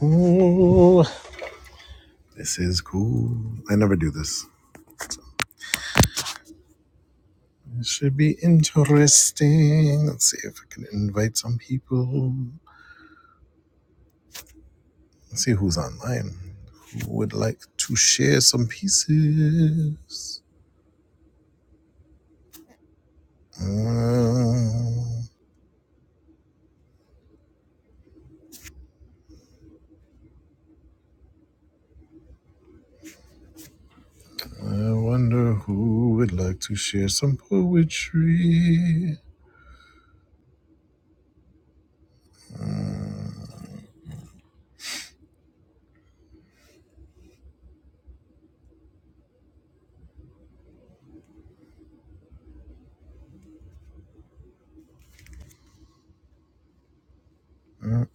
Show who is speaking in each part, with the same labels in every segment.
Speaker 1: Ooh, this is cool. I never do this. This should be interesting. Let's see if I can invite some people. Let's see who's online. Who would like to share some pieces? Mm, I wonder who would like to share some poetry.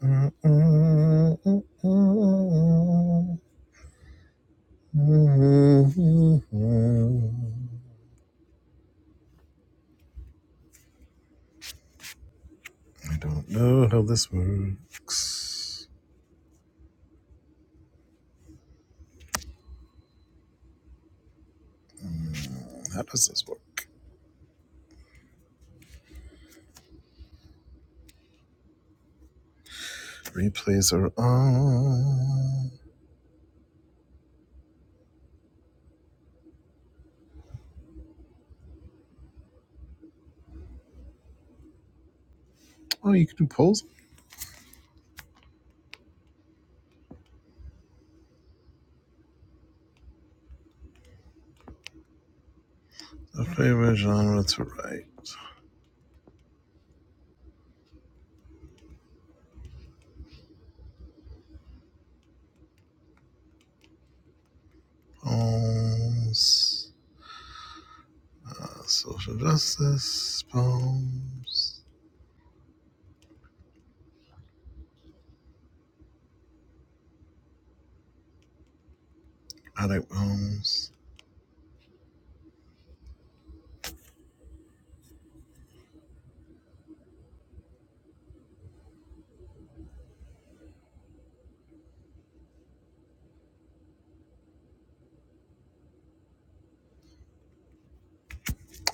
Speaker 1: Uh, uh, uh, uh, uh, uh, uh, uh. I don't know how this works. How does this work? Replays are on. Oh, you can do polls. The favorite genre to write. Poems. Uh, social justice. Poems. I like poems.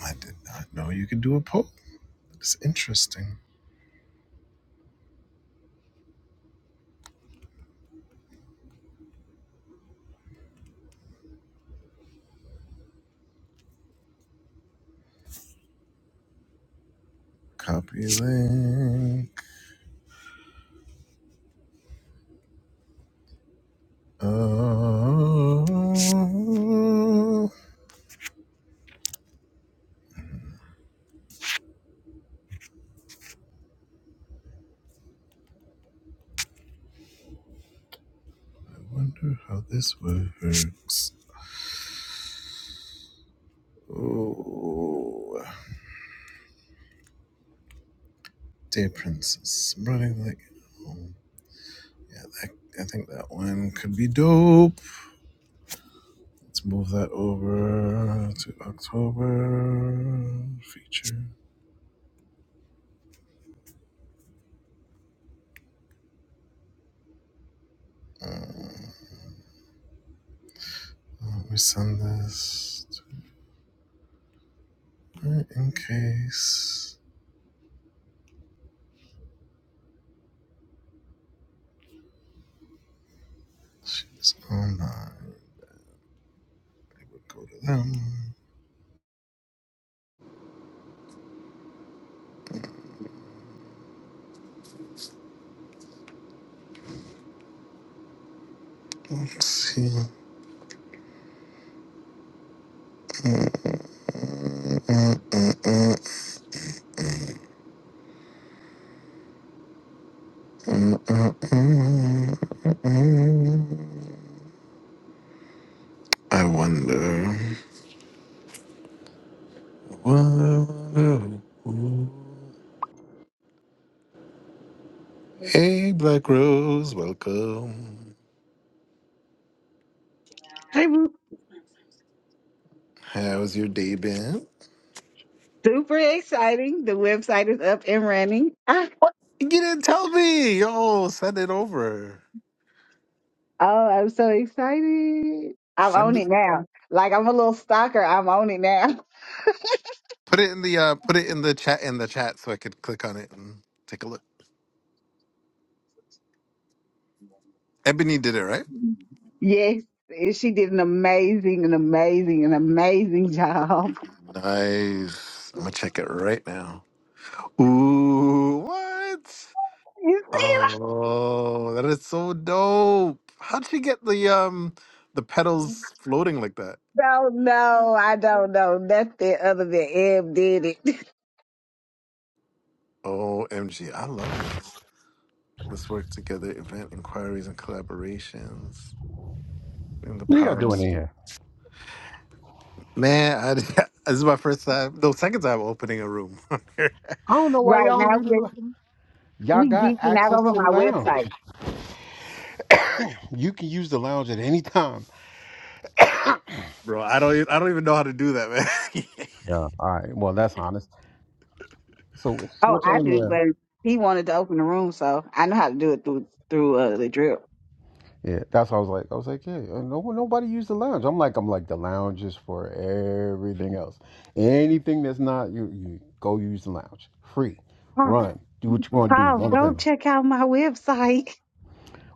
Speaker 1: I did not know you could do a poll. It's interesting. Copy link. Oh, I wonder how this works. Oh, dear princess, running like home. yeah, that, I think that one could be dope. Let's move that over to October feature. Uh, let me send this to her in case she's online. Go to them. Let's see. Mm-hmm. I wonder. I wonder. Hey, Black Rose, welcome.
Speaker 2: I'm
Speaker 1: How's your day been?
Speaker 2: Super exciting. The website is up and running. Ah,
Speaker 1: What? You didn't tell me. Yo, send it over.
Speaker 2: oh, I'm so excited. I'm
Speaker 1: Send
Speaker 2: on
Speaker 1: it.
Speaker 2: it now. Like I'm a little stalker. I'm on it now.
Speaker 1: Put it in the uh, put it in the chat in the chat so I could click on it and take a look. Ebony did it right.
Speaker 2: Yes. and She did an amazing, an amazing, an amazing job.
Speaker 1: Nice. I'm gonna check it right now. Ooh, what?
Speaker 2: You see, I
Speaker 1: Oh, that is so dope. How'd she get the um the pedals floating like that?
Speaker 2: don't know. I don't know nothing other than Eb did it.
Speaker 1: OMG, I love this. Let's work together, event inquiries and collaborations. And the
Speaker 3: What are y'all
Speaker 1: power of
Speaker 3: doing in
Speaker 1: speech.
Speaker 3: here?
Speaker 1: Man, I, this is my first time. No, second time opening a room,
Speaker 3: I don't know why
Speaker 2: Right
Speaker 3: y'all don't
Speaker 2: now,
Speaker 3: use
Speaker 2: we
Speaker 3: y'all
Speaker 2: we
Speaker 3: got
Speaker 2: geeking out
Speaker 3: access
Speaker 2: over
Speaker 3: to the
Speaker 2: my
Speaker 3: lounge.
Speaker 2: website.
Speaker 3: You can use the lounge at any time.
Speaker 1: bro. I don't. e- I don't even know how to do that, man.
Speaker 3: Yeah. All right. Well, that's honest. So, so
Speaker 2: Oh,
Speaker 3: what
Speaker 2: I
Speaker 3: y'all
Speaker 2: do,
Speaker 3: doing?
Speaker 2: but he wanted to open the room, so I know how to do it through through uh, the drip.
Speaker 3: here? Yeah, that's what I was like. I was like, yeah, uh, no, nobody used the lounge. I'm like, I'm like, the lounge is for everything else. Anything that's not you, you go use the lounge. Free,
Speaker 2: Huh.
Speaker 3: run, do what you want to do.
Speaker 2: Paul,
Speaker 3: Run the
Speaker 2: go
Speaker 3: thing.
Speaker 2: check out my website.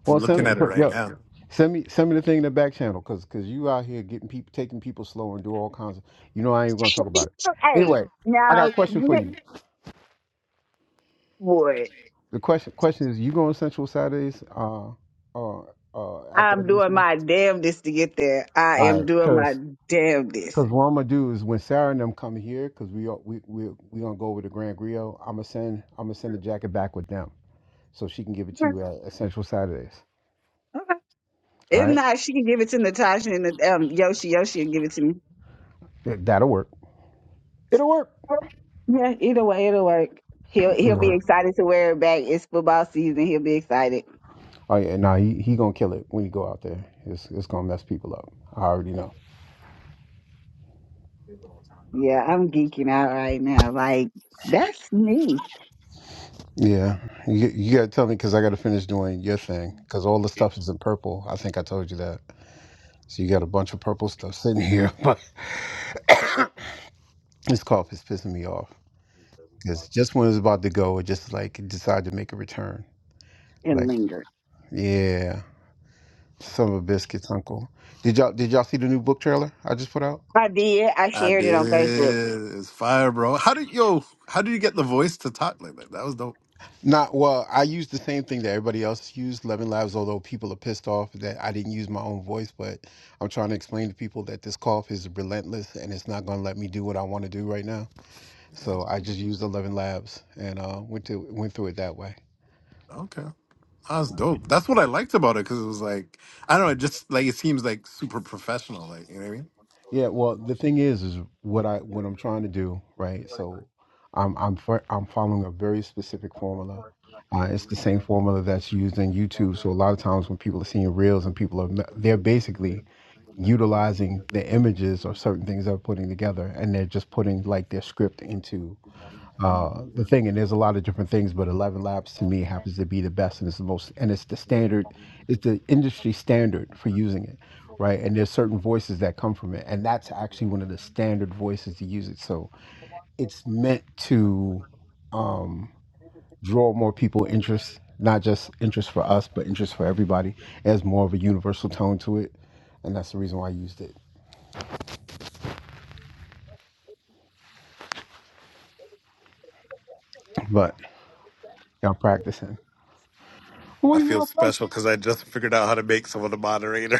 Speaker 3: Well,
Speaker 1: I'm looking
Speaker 3: send me,
Speaker 1: at it
Speaker 3: put,
Speaker 1: right
Speaker 3: yo,
Speaker 1: now.
Speaker 3: send me send me the thing in the back channel, cause cause you out here getting people taking people slow and do all kinds of. You know I ain't gonna talk about it.
Speaker 2: hey,
Speaker 3: Anyway, I got
Speaker 2: now
Speaker 3: a question for
Speaker 2: next
Speaker 3: you. The question question is, you going Central Saturdays? Uh, uh, uh, at the
Speaker 2: I'm
Speaker 3: end of this
Speaker 2: doing
Speaker 3: month.
Speaker 2: my damnedest to get there. I
Speaker 3: All
Speaker 2: am
Speaker 3: right,
Speaker 2: doing my
Speaker 3: cause
Speaker 2: damnedest.
Speaker 3: cause what I'm gonna do is when Sarah and them come here, cause we are, we we we gonna go over to Grand Griot. I'm gonna send I'm gonna send the jacket back with them, so she can give it to you at, at Central Saturdays.
Speaker 2: Okay. okay.
Speaker 3: All
Speaker 2: If
Speaker 3: right,
Speaker 2: not, she can give it to Natasha and um, Yoshi. Yoshi will give it to me.
Speaker 3: That- that'll work. It'll work.
Speaker 2: Yeah, either way, it'll work. He'll
Speaker 3: It'll
Speaker 2: he'll be
Speaker 3: work.
Speaker 2: excited to wear it back. It's football season. He'll be excited.
Speaker 3: Oh yeah, nah, he he gonna kill it when you go out there. It's it's gonna mess people up. I already know.
Speaker 2: Yeah, I'm geeking out right now. Like that's me.
Speaker 3: Yeah, you you gotta tell me because I gotta finish doing your thing because all the stuff is in purple. I think I told you that. So you got a bunch of purple stuff sitting here, but this cough is pissing me off because just when it's about to go, it just like decided to make a return.
Speaker 2: It
Speaker 3: Like
Speaker 2: lingers.
Speaker 3: yeah, some of biscuits, uncle. Did y'all did y'all see the new book trailer I just put out?
Speaker 2: I did. I
Speaker 1: I
Speaker 2: shared it
Speaker 1: did.
Speaker 2: on Facebook.
Speaker 1: It's fire, bro. How did yo? How did you get the voice to talk like that? That was dope.
Speaker 3: Not well. I used the same thing that everybody else used, Lemon Labs. Although people are pissed off that I didn't use my own voice, but I'm trying to explain to people that this cough is relentless and it's not going to let me do what I want to do right now. So
Speaker 1: Yeah.
Speaker 3: I just used the Lemon Labs and uh, went to went through it that way.
Speaker 1: Okay, that was dope. That's what I liked about it because it was like I don't know. It just like it seems like super professional. Like you know what I mean.
Speaker 3: Yeah. Well, the thing is, is what I what I'm trying to do, right? So I'm I'm fo- I'm following a very specific formula. Uh, it's the same formula that's used in YouTube. So a lot of times when people are seeing reels and people are, they're basically utilizing the images or certain things they're putting together and they're just putting like their script into uh, the thing and there's a lot of different things but 11 labs to me happens to be the best and it's the most and it's the standard it's the industry standard for using it right and there's certain voices that come from it and that's actually one of the standard voices to use it so it's meant to um, draw more people interest not just interest for us but interest for everybody it has more of a universal tone to it and that's the reason why i used it but y'all practicing.
Speaker 1: I
Speaker 3: What are
Speaker 1: feel
Speaker 3: y'all talking?
Speaker 1: special because I just figured out how to make someone a moderator.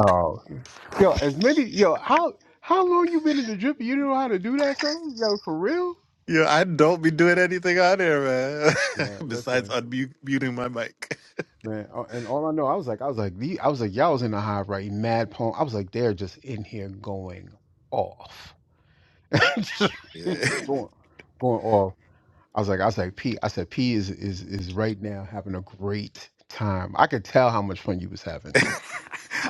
Speaker 3: Oh, yo, as many yo, how how long you been in the drip? and You know how to do that, son? Yo, for real?
Speaker 1: Yeah, I don't be doing anything on there, man.
Speaker 3: Yeah,
Speaker 1: Besides
Speaker 3: listen,
Speaker 1: unmuting my mic.
Speaker 3: man. uh, And all I know, I was like, I was like, the, I was like, y'all was in the hive, right, mad poem. I was like, they're just in here going off, Just
Speaker 1: Yeah.
Speaker 3: going, going off. I was like, I was like, P. I said, P is is is right now having a great time. I could tell how much fun you was having.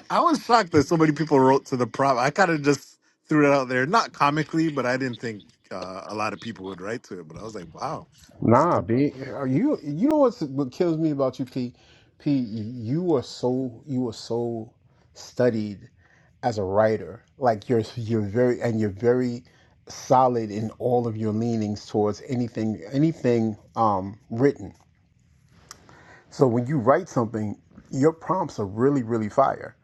Speaker 1: I was shocked that so many people wrote to the prompt. I kind of just threw it out there, not comically, but I didn't think uh, a lot of people would write to it. But I was like, wow, this is
Speaker 3: Nah,
Speaker 1: dope.
Speaker 3: B. You you know what's what kills me about you, P. P. You are so you are so studied as a writer. Like you're you're very and you're very solid in all of your leanings towards anything anything um written. So when you write something, your prompts are really really fire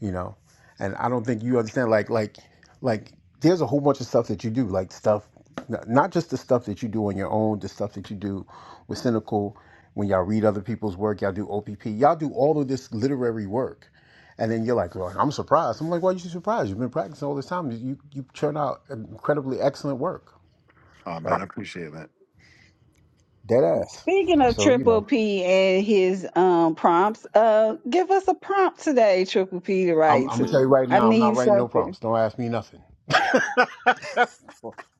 Speaker 3: you know and i don't think you understand like like like there's a whole bunch of stuff that you do like stuff n- not just the stuff that you do on your own the stuff that you do with cynical when y'all read other people's work y'all do opp y'all do all of this literary work and then you're like well, i'm surprised i'm like why are you surprised you've been practicing all this time you you churn out incredibly excellent work
Speaker 1: Oh man,
Speaker 3: like
Speaker 1: I appreciate that.
Speaker 3: dead ass
Speaker 2: Speaking of
Speaker 3: so you
Speaker 2: Triple
Speaker 3: know
Speaker 2: P and his um prompts, uh, give us a prompt today, Triple P, to
Speaker 3: i'm,
Speaker 2: write
Speaker 3: I'm gonna tell
Speaker 2: to.
Speaker 3: you right
Speaker 2: I
Speaker 3: now i'm not
Speaker 2: need
Speaker 3: writing no
Speaker 2: something.
Speaker 3: prompts don't ask me nothing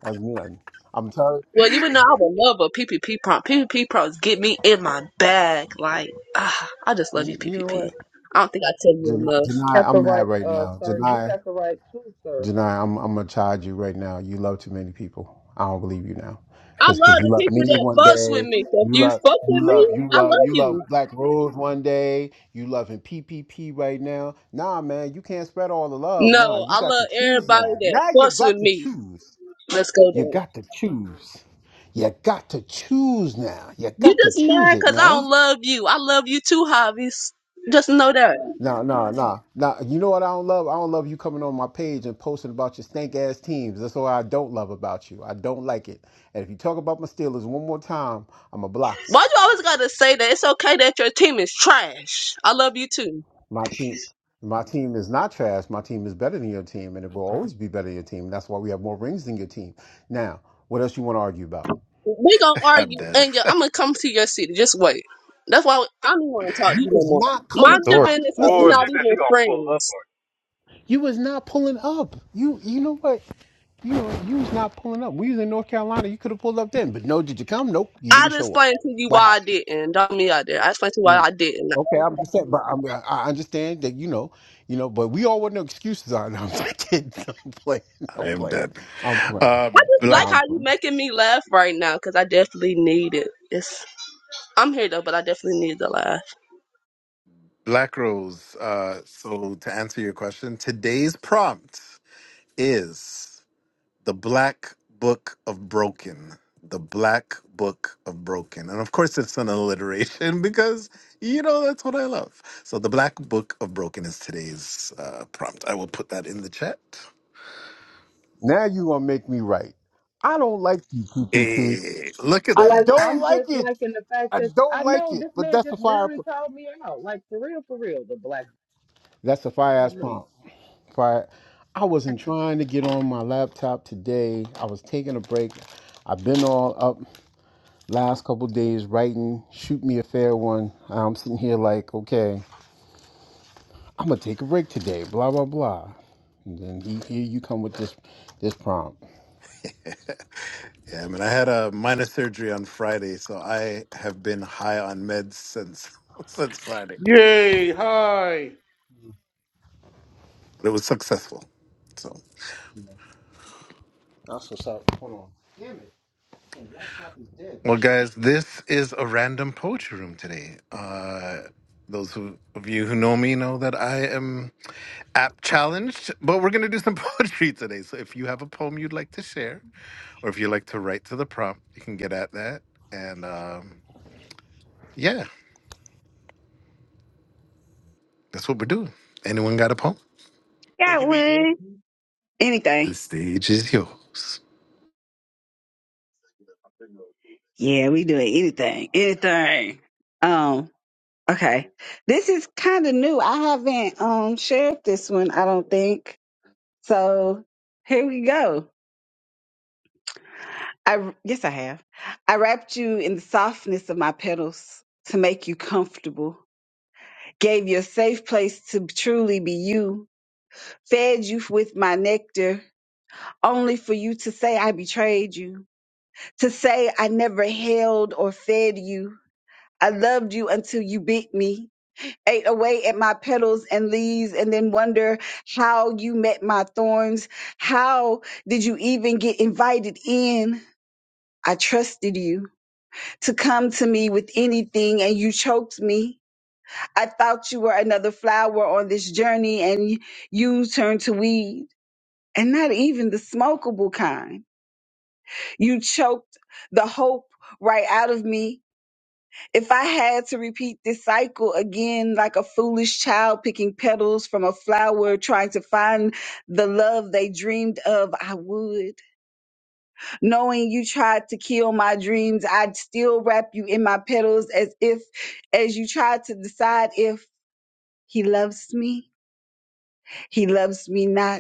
Speaker 3: ask me nothing i'm tired
Speaker 4: Well, you would know I would love a PPP prompt. PPP prompts get me in my bag. Like, ah, I just love you,
Speaker 3: you, you know what?
Speaker 4: PPP. I don't think I tell you
Speaker 3: Janai,
Speaker 4: enough.
Speaker 3: Janai,
Speaker 5: got the
Speaker 3: I'm
Speaker 5: right,
Speaker 3: mad right
Speaker 5: uh,
Speaker 3: now.
Speaker 5: sir. You
Speaker 3: Janai,
Speaker 5: got the right too, sir.
Speaker 3: Janai, I'm I'm gonna charge you right now. You love too many people. I don't believe you now,
Speaker 4: I
Speaker 3: cause
Speaker 4: love
Speaker 3: cause you
Speaker 4: the
Speaker 3: love
Speaker 4: people
Speaker 3: me
Speaker 4: that
Speaker 3: one
Speaker 4: fucks with
Speaker 3: day.
Speaker 4: me. If
Speaker 3: You
Speaker 4: you
Speaker 3: love
Speaker 4: fuck with
Speaker 3: you love
Speaker 4: me,
Speaker 3: you
Speaker 4: I
Speaker 3: love
Speaker 4: love
Speaker 3: you love
Speaker 4: you.
Speaker 3: Black Rose one day. You loving PPP right now. Nah, man, you can't spread all the love. Nah,
Speaker 4: No,
Speaker 3: you
Speaker 4: I
Speaker 3: got
Speaker 4: love
Speaker 3: to choose
Speaker 4: everybody
Speaker 3: now.
Speaker 4: that
Speaker 3: Now you
Speaker 4: fucks with
Speaker 3: got to
Speaker 4: me.
Speaker 3: choose.
Speaker 4: Let's go
Speaker 3: You
Speaker 4: there.
Speaker 3: got to choose. You got to choose now. You
Speaker 4: You
Speaker 3: got to
Speaker 4: just
Speaker 3: choose
Speaker 4: mad
Speaker 3: it
Speaker 4: because I
Speaker 3: now.
Speaker 4: don't love you. I love you too, Javis. Just know that.
Speaker 3: Nah, nah, nah, nah. You know what I don't love? I don't love you coming on my page and posting about your stank ass teams. That's what I don't love about you. I don't like it. And if you talk about my Steelers one more time, I'm gonna block you.
Speaker 4: Why you always gotta say that? It's okay that your team is trash. I love you too.
Speaker 3: My team, my team is not trash. My team is better than your team, and it will always be better than your team. That's why we have more rings than your team. Now, what else you want to argue about?
Speaker 4: We gonna
Speaker 1: I'm
Speaker 4: argue,
Speaker 1: dead.
Speaker 4: and I'm gonna come to your city. Just wait. That's why I don't even want to talk to
Speaker 3: You
Speaker 4: you no
Speaker 3: is
Speaker 4: more.
Speaker 3: not coming
Speaker 4: Mind
Speaker 3: to
Speaker 4: your
Speaker 3: my
Speaker 4: business. or we
Speaker 3: listen.
Speaker 4: not even friends.
Speaker 3: You is not pulling up. You, you know what? You know, you was not pulling up. We was in North Carolina. You could have pulled up then, but no. Did you come? Nope. You
Speaker 4: I
Speaker 3: didn't
Speaker 4: just
Speaker 3: show up.
Speaker 4: explained to you
Speaker 3: Wow.
Speaker 4: why I didn't. Don't me out there. I explained to you why
Speaker 3: Mm.
Speaker 4: I didn't.
Speaker 3: Okay, I'm just saying, but I'm, I I understand that you know, you know, but we all want no excuses on. I'm kidding. I'm playing. I'm
Speaker 1: I am
Speaker 3: playing.
Speaker 1: dead.
Speaker 3: I'm playing.
Speaker 4: I
Speaker 1: Um,
Speaker 4: just
Speaker 1: Black
Speaker 4: like how
Speaker 3: I'm
Speaker 4: you
Speaker 3: playing.
Speaker 4: making me laugh right now because I definitely need it. It's I'm here though, but I definitely need the laugh.
Speaker 1: Black Rose. Uh, so to answer your question, today's prompt is. The Black Book of Broken. The Black Book of Broken. And of course, it's an alliteration because, you know, that's what I love. So, The Black Book of Broken is today's uh, prompt. I will put that in the chat.
Speaker 3: Now you gonna make me right. I don't like you, PPP.
Speaker 1: Hey, look at
Speaker 3: I
Speaker 1: that.
Speaker 5: Like
Speaker 3: don't
Speaker 5: I'm
Speaker 3: like
Speaker 5: just
Speaker 3: it.
Speaker 5: liking the fact
Speaker 3: I
Speaker 5: that
Speaker 3: don't
Speaker 5: I
Speaker 3: like
Speaker 5: know
Speaker 3: it.
Speaker 5: this
Speaker 3: But
Speaker 5: man
Speaker 3: that's a
Speaker 5: just
Speaker 3: fire.
Speaker 5: literally called me out, like for real, for real. The black
Speaker 3: That's a fire
Speaker 5: about
Speaker 3: ass
Speaker 5: me,
Speaker 3: prompt. prior. I wasn't trying to get on my laptop today. I was taking a break. I've been all up last couple days writing, shoot me a fair one. I'm sitting here like, okay, I'm gonna take a break today, blah blah blah. And then he, here you come with this this prompt.
Speaker 1: yeah, I mean, I had a minor surgery on Friday, so I have been high on meds since since Friday.
Speaker 6: Yay! Hi.
Speaker 1: But it was successful. so.
Speaker 3: That's what's up. Hold on.
Speaker 1: Well, guys, this is a random poetry room today. Uh, those who, of you who know me know that I am app challenged, but we're going to do some poetry today. So if you have a poem you'd like to share, or if you like to write to the prompt, you can get at that. And um, yeah, that's what we're doing. Anyone got a poem?
Speaker 6: It
Speaker 2: Got
Speaker 6: can be
Speaker 2: one.
Speaker 6: anything.
Speaker 1: The
Speaker 2: Anything.
Speaker 1: stage is yours.
Speaker 2: Yeah, we doing Anything. Anything. Um. Okay. This is kind of new. I haven't um shared this one. I don't think so. Here we go. I yes, I have. I wrapped you in the softness of my petals to make you comfortable. Gave you a safe place to truly be you fed you with my nectar, only for you to say I betrayed you, to say I never held or fed you. I loved you until you bit me, ate away at my petals and leaves, and then wonder how you met my thorns. How did you even get invited in? I trusted you to come to me with anything, and you choked me. I thought you were another flower on this journey, and you turned to weeds. and not even the smokable kind. You choked the hope right out of me. If I had to repeat this cycle again, like a foolish child picking petals from a flower, trying to find the love they dreamed of, I would. Knowing you tried to kill my dreams, I'd still wrap you in my petals as if, as you tried to decide if he loves me, he loves me not.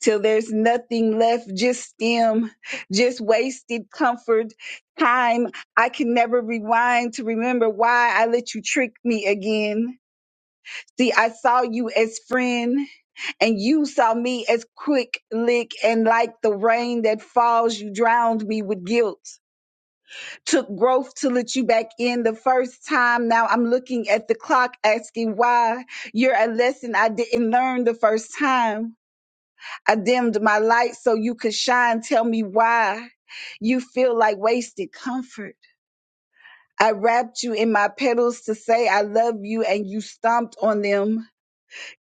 Speaker 2: till there's nothing left, just stem, just wasted comfort, time. I can never rewind to remember why I let you trick me again. See, I saw you as friend and you saw me as quick lick and like the rain that falls, you drowned me with guilt. Took growth to let you back in the first time. Now I'm looking at the clock asking why you're a lesson I didn't learn the first time. I dimmed my light so you could shine. Tell me why you feel like wasted comfort. I wrapped you in my petals to say I love you and you stomped on them.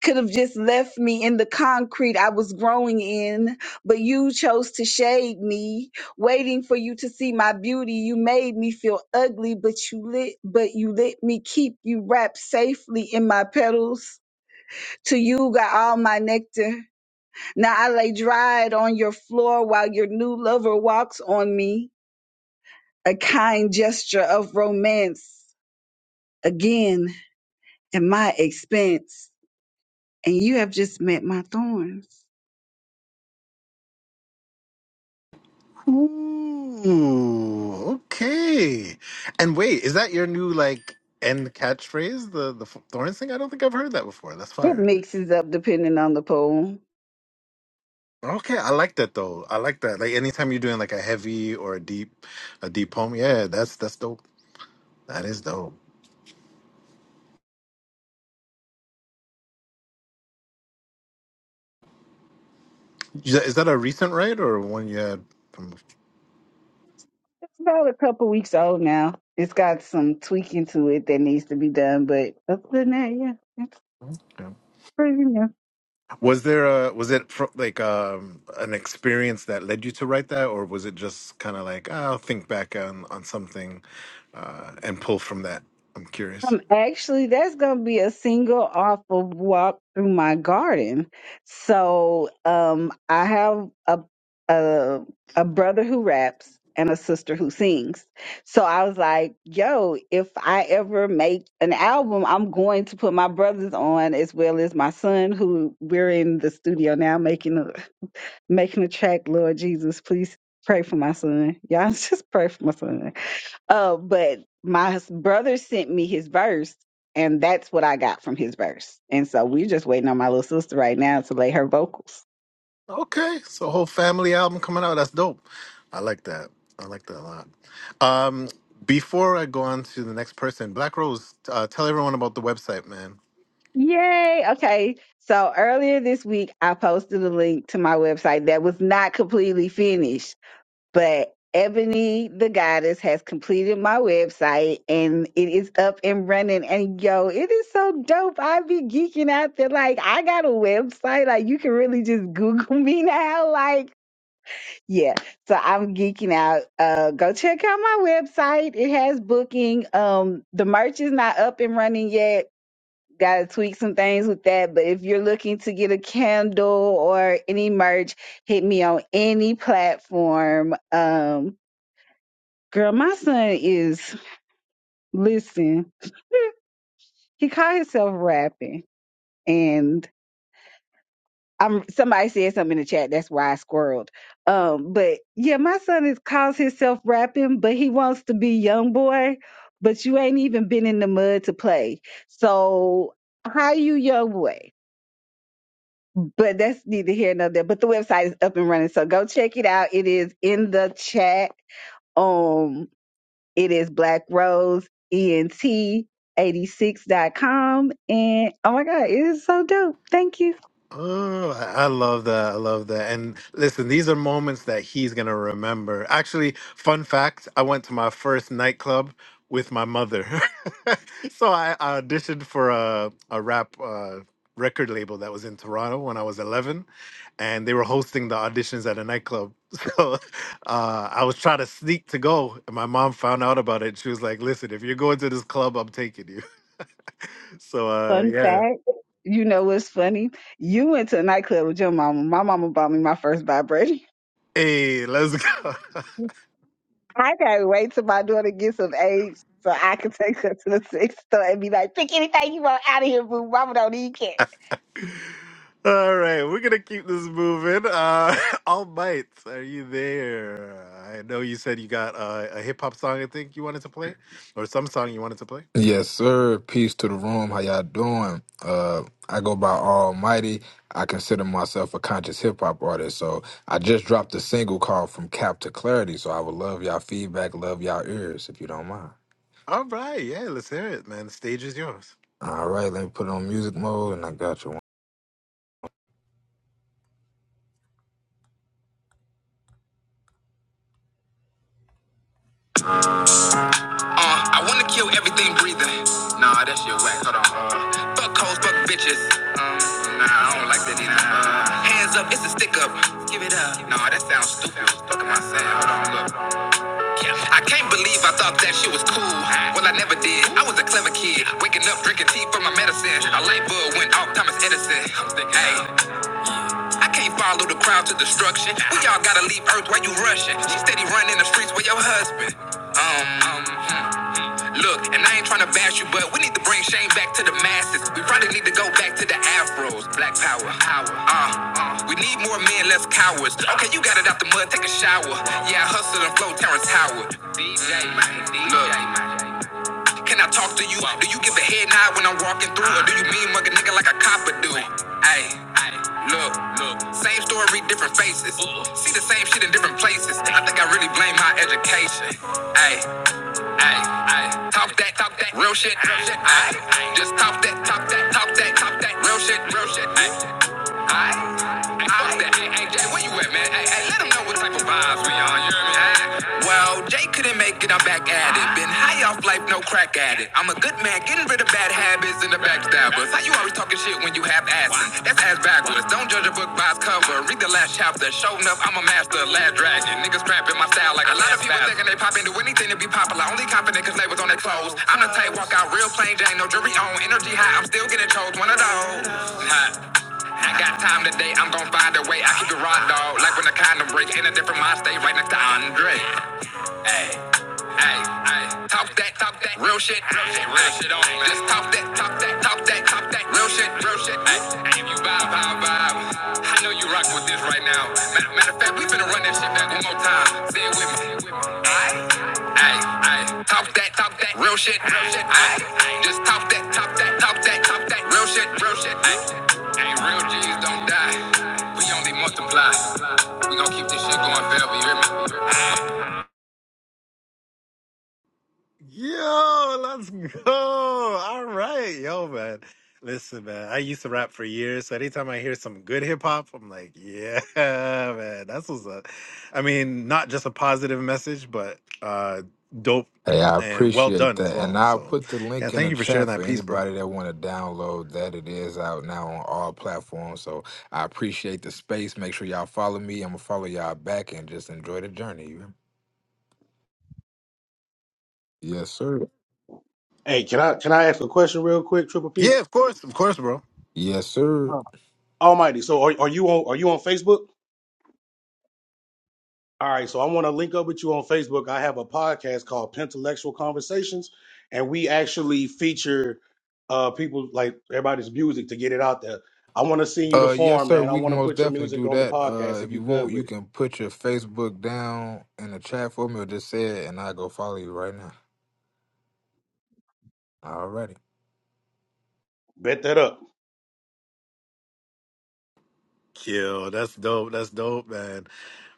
Speaker 2: Could have just left me in the concrete I was growing in, but you chose to shade me, waiting for you to see my beauty. You made me feel ugly, but you lit, but you let me keep you wrapped safely in my petals. To you got all my nectar. Now I lay dried on your floor while your new lover walks on me, a kind gesture of romance, again at my expense. And you have just met my thorns.
Speaker 1: Ooh, okay. And wait, is that your new like end catchphrase? The the Thorns thing? I don't think I've heard that before. That's
Speaker 2: It
Speaker 1: fire.
Speaker 2: mixes up depending on the poem.
Speaker 1: Okay, I like that though. I like that. Like anytime you're doing like a heavy or a deep, a deep poem, yeah, that's that's dope. That is dope. Is that is that a recent write or one you had from?
Speaker 2: It's about a couple weeks old now. It's got some tweaking to it that needs to be done, but other than that, yeah, it's
Speaker 1: yeah?
Speaker 2: pretty new.
Speaker 1: Was there a was it fro- like um an experience that led you to write that, or was it just kind of like "Ah, I'll think back on on something uh, and pull from that? I'm curious.
Speaker 2: Um, actually, that's gonna be a single off of walk through my garden. So, um, I have a a a brother who raps and a sister who sings. So I was like, "Yo, if I ever make an album, I'm going to put my brothers on as well as my son, who we're in the studio now making a making a track. Lord Jesus, please pray for my son. Y'all just pray for my son." Uh, but my hus- brother sent me his verse, and that's what I got from his verse. And so we're just waiting on my little sister right now to lay her vocals.
Speaker 1: Okay, so whole family album coming out. That's dope. I like that. I like that a lot. Um, before I go on to the next person, Black Rose, uh, tell everyone about the website, man.
Speaker 2: Yay! Okay. So earlier this week, I posted a link to my website that was not completely finished, but Ebony the Goddess has completed my website and it is up and running. And yo, it is so dope. I be geeking out there. Like, I got a website. Like, you can really just Google me now. Like, Yeah, so I'm geeking out. Uh, go check out my website. It has booking. Um, the merch is not up and running yet. Got to tweak some things with that. But if you're looking to get a candle or any merch, hit me on any platform. Um, girl, my son is listen. He caught himself rapping, and I'm somebody said something in the chat. That's why I squirreled. Um, but yeah, my son is calls himself rapping, but he wants to be young boy. But you ain't even been in the mud to play. So how you young boy? But that's neither here nor there. But the website is up and running, so go check it out. It is in the chat. Um, it is Black Rose Ent. eighty-six dot com. and oh my god, it is so dope. Thank you.
Speaker 1: Oh, I I love that. I love that. And listen, these are moments that he's going to remember. Actually, fun fact I went to my first nightclub with my mother. so I I auditioned for a, a rap uh, record label that was in Toronto when I was 11, and they were hosting the auditions at a nightclub. So uh, I was trying to sneak to go, and my mom found out about it. She was like, Listen, if you're going to this club, I'm taking you. So, uh,
Speaker 2: Fun
Speaker 1: yeah.
Speaker 2: fact, you know what's funny? You went to a nightclub with your mama. My mama bought me my first vibrator.
Speaker 1: Hey, let's go.
Speaker 2: I can't wait till my daughter gets of age so I can take her to the sex store and be like, pick anything you want out of here, boo. Mama don't need cat.
Speaker 1: All right, we're gonna keep this moving. Uh, All Might, are you there? I know you said you got uh, a hip hop song. I think you wanted to play, or some song you wanted to play.
Speaker 7: Yes, sir. Peace to the room. How y'all doing? Uh, I go by Almighty. I consider myself a conscious hip hop artist. So I just dropped a single called From Cap to Clarity. So I would love y'all feedback, love y'all ears if you don't mind.
Speaker 1: All right, yeah, let's hear it, man. The stage is yours.
Speaker 7: All right, let me put it on music mode and I got you one. Uh, I want to kill everything breathing. Nah, that shit whack. Hold on. Uh, fuck hoes, fuck bitches. Um, nah, I don't like that either. Uh, hands up, it's a stick up. Give it up. Nah, that sounds stupid. Fuck am I saying? Hold on, look. I can't believe I thought that shit was cool. Well, I never did. I was a clever kid. Waking up, drinking tea for my medicine. A light bulb went off Thomas Edison. Hey, I can't follow the crowd to destruction. We all gotta leave Earth while you rushing. She steady running the streets with your husband. Um, um Look, and I ain't tryna bash you, but we need to bring shame back to the masses. We probably need to go back to the afros. Black power, power. Uh, uh. we need more men, less cowards. Okay, you got it out the mud, take a shower. Yeah, I hustle and flow, Terrence Howard. DJ, man, DJ, Look, Can I talk to you? Do you give a head nod when I'm walking through, or do you mean mug a nigga like a copper do? Hey, hey, look, look. Same story, different faces. See the same shit in different places. I think I really blame my education. Hey. Ay, ay, talk that, talk that, real shit, real shit. Ay, ay, just talk that, talk that, talk that, talk that, real shit, real shit. Ay. Alright? Hey, fuck that. Hey, hey, Jay, where you at, man? Hey, hey, let them know what type of vibes we on, you hear me? Hey? Well, Jay couldn't make it, I'm back at it. Been high off life, no crack at it. I'm a good man, getting rid of bad habits and the backstabbers. How you always talking shit when you have asses? That's ass backwards. Don't judge a book by its cover. Read the last chapter. Show enough, I'm a master, last dragon. Niggas trapping my style like a lot of people bastard. thinking they pop into anything to be popular. Only confident cause they was on their clothes. I'm the type walk out real plain Jane, no jewelry on. Energy high, I'm still getting chose. One of those. Nah. I got time today, I'm gon' find a way. I keep it raw, dog, like when the condom break. In a different mind state, right next to Andre. Hey, hey, hey, talk that, talk that, real shit, real shit, real shit on Just talk that, talk that, talk that, talk that, real shit, real shit. Hey, hey, if you vibe, vibe, vibe, I know you rockin' with this right now. Matter, matter of fact, we finna run that shit back one more time. Say it with me. Aye, aye, aye, talk that, talk that, real shit, real shit. Aye, just talk that, talk that, talk that, talk that, real shit, real shit. Aye, hey, real G's don't die. We only multiply. We gon' keep this shit going forever, you hear me?
Speaker 1: Yo, let's go. All right. Yo, man. Listen, man, I used to rap for years. So anytime I hear some good hip hop, I'm like, yeah, man, that's what's up. I mean, not just a positive message, but uh dope
Speaker 7: Hey, I
Speaker 1: and well
Speaker 7: appreciate
Speaker 1: done as
Speaker 7: that. And
Speaker 1: well.
Speaker 7: I'll
Speaker 1: So
Speaker 7: put the
Speaker 1: yeah,
Speaker 7: link in
Speaker 1: thank
Speaker 7: the
Speaker 1: you for sharing
Speaker 7: chat
Speaker 1: that
Speaker 7: for
Speaker 1: piece, bro.
Speaker 7: anybody that want to download that. It is out now on all platforms. So I appreciate the space. Make sure y'all follow me. I'm going to follow y'all back and just enjoy the journey. You hear? Yes, sir.
Speaker 6: Hey, can I can I ask a question real quick, Triple
Speaker 1: Yeah,
Speaker 6: P?
Speaker 1: of course, of course, bro.
Speaker 7: Yes, sir.
Speaker 6: Huh. Almighty. So are are you on are you on Facebook? All right. So I want to link up with you on Facebook. I have a podcast called Pentelectual Conversations, and we actually feature uh people like everybody's music to get it out there. I want to send you the
Speaker 7: Uh, yes,
Speaker 6: form,
Speaker 7: sir.
Speaker 6: man. I
Speaker 7: We can
Speaker 6: want to
Speaker 7: most
Speaker 6: put your
Speaker 7: definitely
Speaker 6: music
Speaker 7: do
Speaker 6: on the
Speaker 7: that.
Speaker 6: podcast
Speaker 7: Uh,
Speaker 6: if
Speaker 7: if
Speaker 6: you
Speaker 7: you want,
Speaker 6: good
Speaker 7: you
Speaker 6: with it.
Speaker 7: can put your Facebook down in the chat for me or just say it and I'll go follow you right now. Alrighty.
Speaker 6: Bet that up.
Speaker 1: Kill. that's dope. That's dope, man.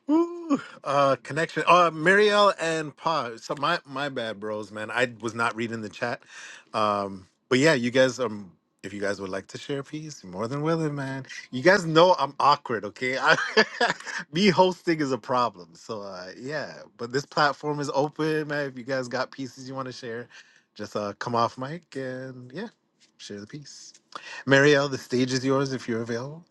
Speaker 1: Ooh, uh, connection. Uh, Marielle and Pa. So my my bad, bros, man. I was not reading the chat. Um, but yeah, you guys. Um, if you guys would like to share a piece, you're more than willing, man. You guys know I'm awkward, okay? I, me hosting is a problem. So uh, yeah, but this platform is open, man. If you guys got pieces you want to share, just uh, come off mic and yeah, share the piece. Marielle, the stage is yours if you're available.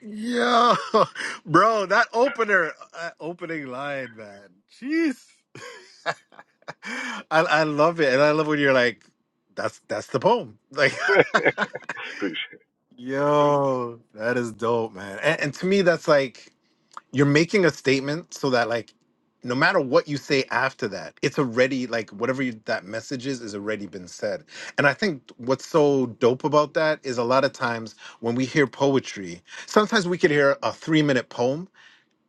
Speaker 1: Yo, bro, that opener, uh, opening line, man. Jeez. I I love it. And I love when you're like, that's that's the poem. Like, yo, that is dope, man. And, and to me, that's like you're making a statement so that like no matter what you say after that, it's already like whatever you, that message is is already been said. And I think what's so dope about that is a lot of times when we hear poetry, sometimes we could hear a three minute poem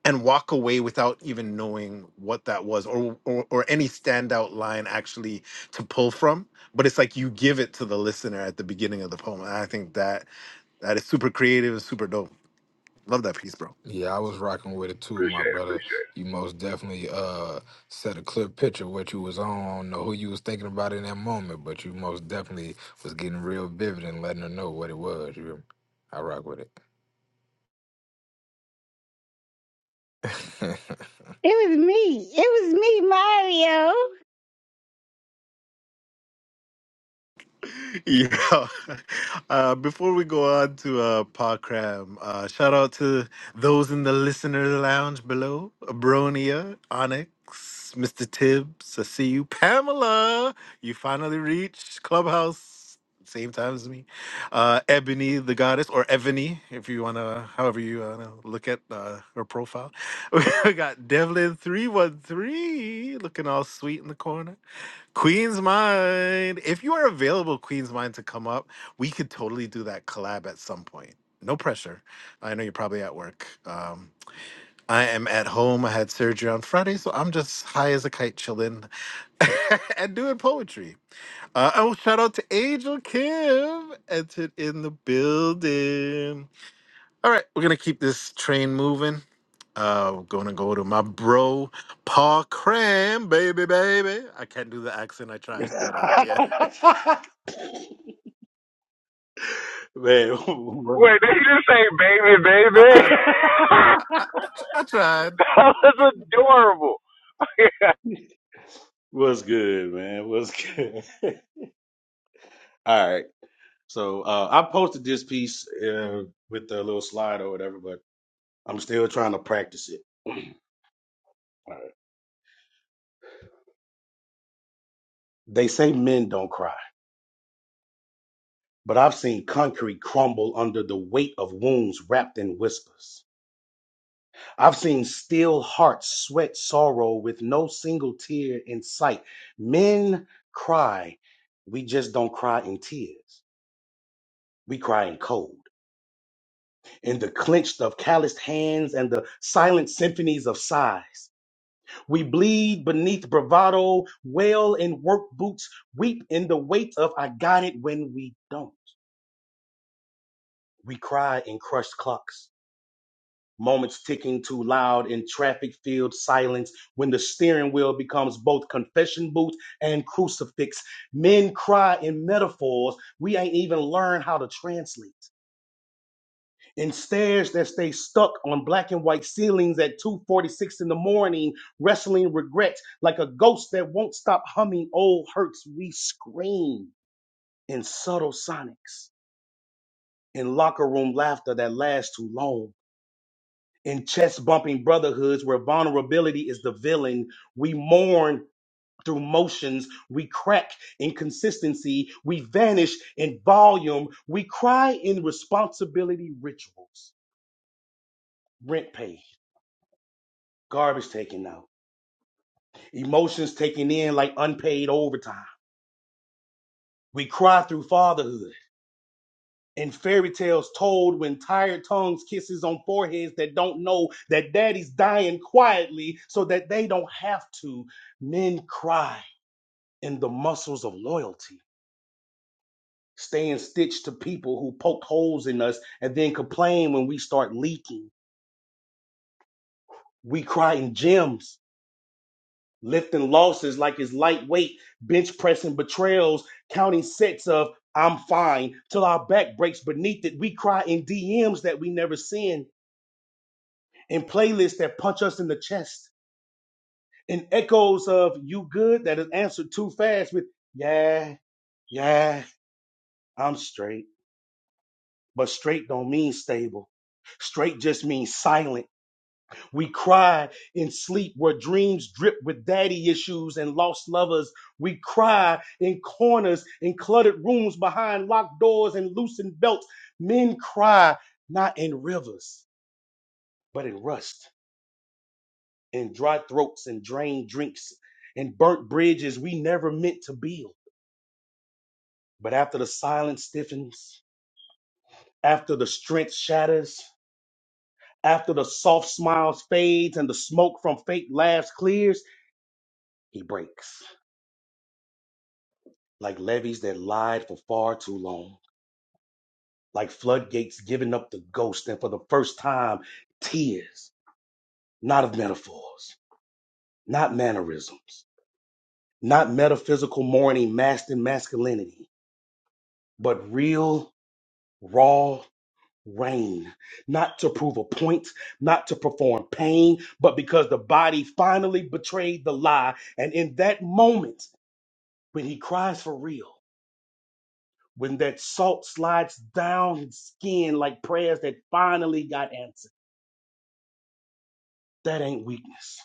Speaker 1: and walk away without even knowing what that was or, or or any standout line actually to pull from but it's like you give it to the listener at the beginning of the poem and i think that that is super creative and super dope love that piece bro
Speaker 7: Yeah, I was rocking with it too, my brother. You most definitely uh set a clear picture of what you was on. I don't know who you was thinking about in that moment, but you most definitely was getting real vivid and letting her know what it was. You, I rock with it.
Speaker 2: It was me. It was me, Mario.
Speaker 1: Yeah. Uh, before we go on to uh, Parkram, uh, shout out to those in the listener lounge below Abronia, Onyx, Mr. Tibbs. I see you. Pamela, you finally reached Clubhouse, same time as me. Uh, Ebony, the goddess, or Ebony, if you want to, however you want to look at uh, her profile. we got Devlin313 looking all sweet in the corner. Queen's Mind. If you are available, Queen's Mind, to come up, we could totally do that collab at some point. No pressure. I know you're probably at work. Um, I am at home. I had surgery on Friday, so I'm just high as a kite, chilling and doing poetry. Uh, oh, shout out to Angel Kim, entered in the building. All right, we're gonna keep this train moving. Uh, we're gonna go to my bro, Paul Cram, baby, baby. I can't do the accent. I tried, but uh, yeah,
Speaker 6: man.
Speaker 1: I I I, I tried.
Speaker 6: What's good, man? What's good? All right. So uh, I posted this piece uh, with a little slide or whatever, but I'm still trying to practice it. All right. They say men don't cry, but I've seen concrete crumble under the weight of wounds wrapped in whispers. I've seen still hearts sweat sorrow with no single tear in sight. Men cry. We just don't cry in tears. We cry in cold. in the clenched of calloused hands and the silent symphonies of sighs. We bleed beneath bravado, wail in work boots, weep in the weight of I got it when we don't. We cry in crushed clocks, moments ticking too loud in traffic filled silence when the steering wheel becomes both confession booth and crucifix. Men cry in metaphors we ain't even learned how to translate. and stairs that stay stuck on black and white ceilings at 2.46 in the morning wrestling regrets like a ghost that won't stop humming old hurts we scream in subtle sonics in locker room laughter that lasts too long in chest bumping brotherhoods where vulnerability is the villain we mourn through motions we crack in consistency we vanish in volume we cry in responsibility rituals rent paid garbage taken out emotions taken in like unpaid overtime. We cry through fatherhood and fairy tales told when tired tongues kisses on foreheads that don't know that daddy's dying quietly so that they don't have to. Men cry in the muscles of loyalty, staying stitched to people who poke holes in us and then complain when we start leaking. We cry in gyms lifting losses like it's lightweight, bench pressing betrayals, counting sets of I'm fine till our back breaks beneath it. We cry in DMs that we never send, in playlists that punch us in the chest, in echoes of you good that is answered too fast with yeah, yeah, I'm straight. But straight don't mean stable. Straight just means silent. We cry in sleep where dreams drip with daddy issues and lost lovers. We cry in corners, in cluttered rooms behind locked doors and loosened belts. Men cry not in rivers, but in rust, in dry throats and drained drinks, and burnt bridges we never meant to build. But after the silence stiffens, after the strength shatters, after the soft smiles fades and the smoke from fake laughs clears, he breaks. like levees that lied for far too long, like floodgates giving up the ghost, and for the first time, tears, not of metaphors, not mannerisms, not metaphysical mourning masked in masculinity, but real, raw rain, not to prove a point, not to perform pain, but because the body finally betrayed the lie. And in that moment, when he cries for real, when that salt slides down his skin like prayers that finally got answered. That ain't weakness.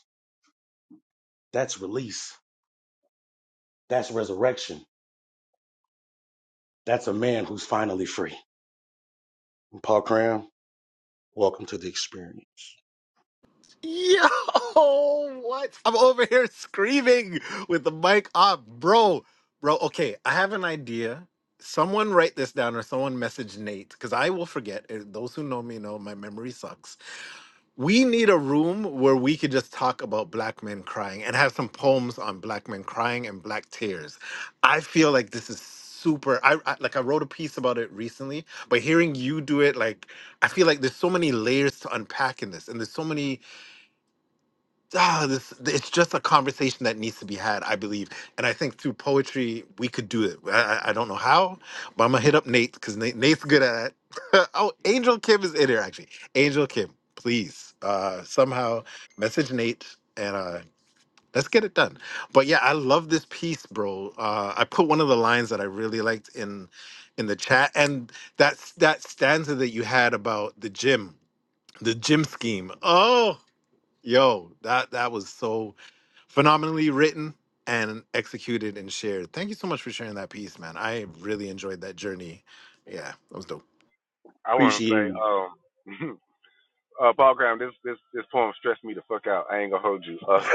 Speaker 6: That's release. That's resurrection. That's a man who's finally free. And Paul Cram, welcome to the experience.
Speaker 1: Yo, what? I'm over here screaming with the mic off, bro, bro. Okay, I have an idea. Someone write this down, or someone message Nate, because I will forget. Uh, Those who know me know my memory sucks. we need a room where we could just talk about black men crying and have some poems on black men crying and black tears. I feel like this is super I, I like I wrote a piece about it recently, but hearing you do it like I feel like there's so many layers to unpack in this and there's so many ah, this, it's just a conversation that needs to be had, I believe. And I think through poetry, we could do it. I, I I don't know how, but I'm going to hit up Nate because Nate, Nate's good at it. oh, Angel Kim is in here, actually. Angel Kim, please uh, somehow message Nate and uh, let's get it done. But yeah, I love this piece, bro. Uh, I put one of the lines that I really liked in in the chat and that's that stanza that you had about the gym the gym scheme oh yo that that was so phenomenally written and executed and shared. Thank you so much for sharing that piece, man. I really enjoyed that journey. Yeah, that was dope.
Speaker 6: Appreciate you.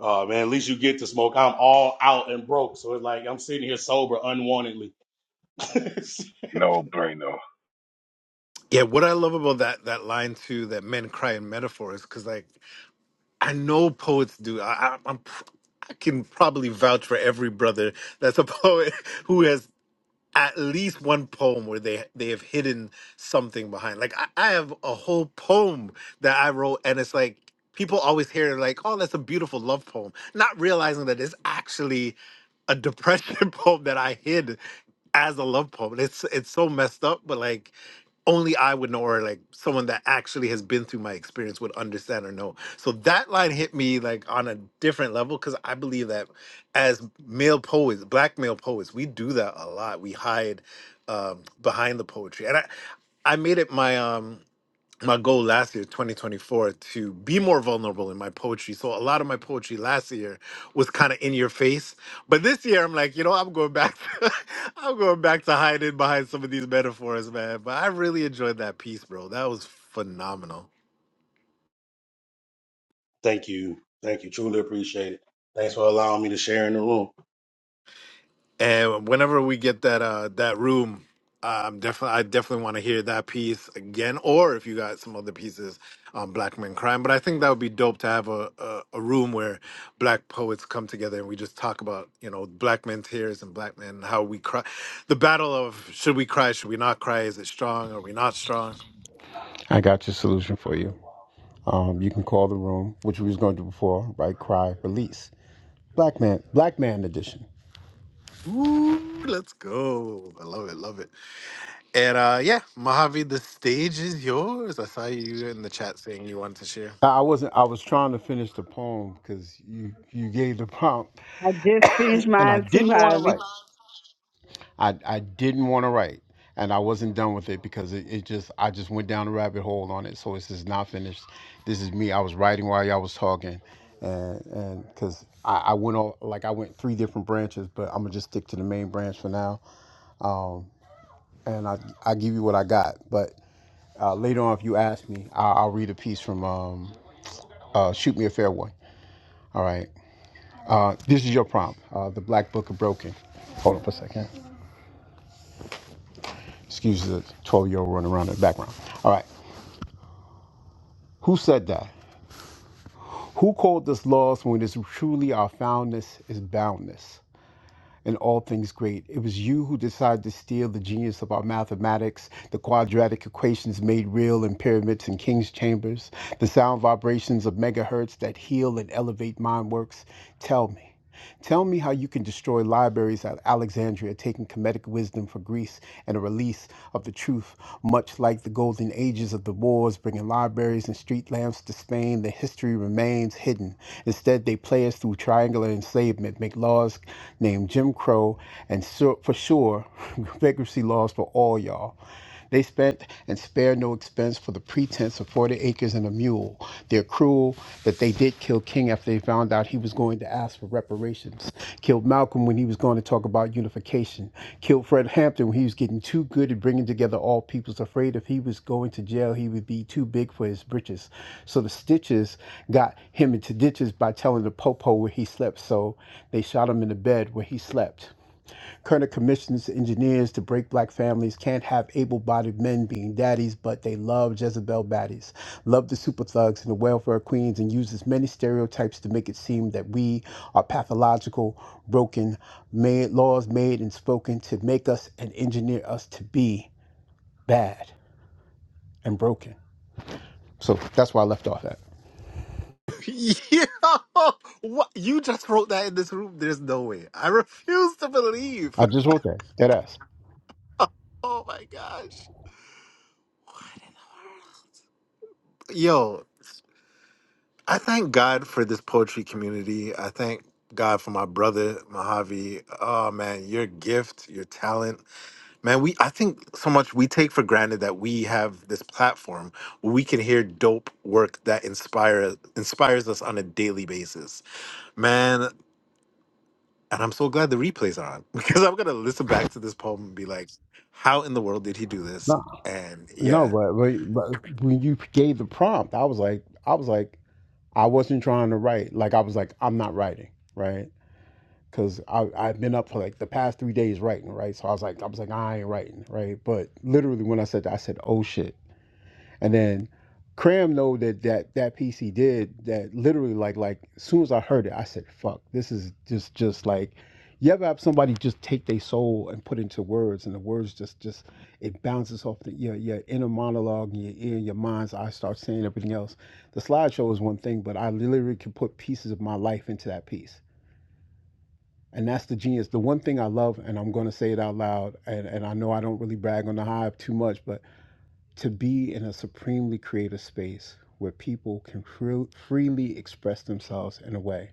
Speaker 6: oh man, at least you get to smoke. I'm all out and broke. So it's like I'm sitting here sober unwantedly.
Speaker 1: Yeah, what I love about that that line too, that men cry in metaphors, because like I know poets do. I, I, I'm pr- I can probably vouch for every brother that's a poet who has at least one poem where they they have hidden something behind. Like I, I have a whole poem that I wrote, and it's like people always hear like, "Oh, that's a beautiful love poem," not realizing that it's actually a depression poem that I hid as a love poem. It's it's so messed up, but like only I would know, or like someone that actually has been through my experience would understand or know. So that line hit me like on a different level because I believe that as male poets, black male poets, we do that a lot. We hide um, behind the poetry, and I, I made it my um my goal last year 2024 to be more vulnerable in my poetry so a lot of my poetry last year was kind of in your face but this year i'm like you know i'm going back to, i'm going back to hiding behind some of these metaphors man but i really enjoyed that piece bro that was phenomenal
Speaker 6: Thank you. Thank you. Truly appreciate it. Thanks for allowing me to share in the room.
Speaker 1: And whenever we get that uh that room, I'm definitely I definitely want to hear that piece again, or if you got some other pieces on Black men crime. But I think that would be dope to have a, a a room where Black poets come together and we just talk about you know Black men tears and Black men how we cry, the battle of should we cry, should we not cry, is it strong, are we not strong?
Speaker 3: I got your solution for you. Um, you can call the room, which we was going to do before, right? Cry, release. Black man, black man edition.
Speaker 1: Ooh, let's go! I love it, love it. And uh yeah, Mojave, the stage is yours. I saw you in the chat saying you wanted to share.
Speaker 3: I I wasn't. I was trying to finish the poem because you you gave the prompt.
Speaker 2: I just finished
Speaker 3: and I
Speaker 2: mine too,
Speaker 3: didn't want to
Speaker 2: Harvey.
Speaker 3: write. I, I didn't want to write, and I wasn't done with it because it, it just I just went down a rabbit hole on it. So it's just not finished. This is me. I was writing while y'all was talking, and and because I, I went on like I went three different branches, but I'm gonna just stick to the main branch for now, and I I give you what I got. But uh, later on, if you ask me, I, I'll read a piece from um uh, shoot me a fair one. All right. Uh, this is your prompt. Uh, the Black Book of Broken. Hold up a second. Excuse the 12 year old running around in the background. All right. Who said that? Who called this laws when it is truly our foundness is boundness in all things great? It was you who decided to steal the genius of our mathematics, the quadratic equations made real in pyramids and king's chambers, the sound vibrations of megahertz that heal and elevate mind works. Tell me. Tell me how you can destroy libraries at Alexandria, taking comedic wisdom for Greece and a release of the truth, much much like the golden ages of the wars, bringing libraries and street lamps to Spain, the history remains hidden. Instead, they play us through triangular enslavement, make laws named Jim Crow, and sur- for sure, bankruptcy laws for all y'all. They spent and spare no expense for the pretense of 40 acres and a mule. They're cruel that they did did kill King after they found out he was going to ask for reparations, killed Malcolm when he was going to talk about unification, killed Fred Hampton when he was getting too good at bringing together all peoples, afraid if he was going to jail, he would be too big for his britches. So the Stitches got him into ditches by telling the Popo where he slept, so they shot him in the bed where he slept. Kerner commissions engineers to break black families. Can't have able bodied men being daddies, but they love Jezebel baddies. Love the super thugs and the welfare queens and uses many stereotypes to make it seem that we are pathological, broken, made laws made and spoken to make us and engineer us to be bad and broken. So that's why I left off at.
Speaker 1: Yo, what? You just wrote that in this room. There's no way. I refuse to believe.
Speaker 3: I just wrote that. That ass.
Speaker 1: Oh my gosh. What in the world? Yo, I thank God for this poetry community. I thank God for my brother Mojave. Oh man, your gift, your talent. Man, we I think so much we take for granted that we have this platform where we can hear dope work that inspire inspires us on a daily basis. Man, And I'm so glad the replay's on because I'm gonna listen back to this poem and be like, how in the world did he do this?
Speaker 3: No,
Speaker 1: And
Speaker 3: no,
Speaker 1: yeah,
Speaker 3: but, but but when you gave the prompt, I was like, I was like, I wasn't trying to write. Like I was like, I'm not writing, right? Because I I've been up for like the past three days writing, right? So I was like, I was like, I ain't writing, right? But literally when I said that, I said, oh shit. And then Cram know that that that piece he did that literally like like as soon as I heard it, I said, "Fuck, this is just just like." You ever have somebody just take their soul and put into words, and the words just just it bounces off the, your your inner monologue and your ear and your mind's eye starts saying everything else. The slideshow is one thing, but I literally can put pieces of my life into that piece. And that's the genius. The one thing I love, and I'm going to say it out loud, and, and I know I don't really brag on the hive too much, but to be in a supremely creative space where people can fru- freely express themselves in a way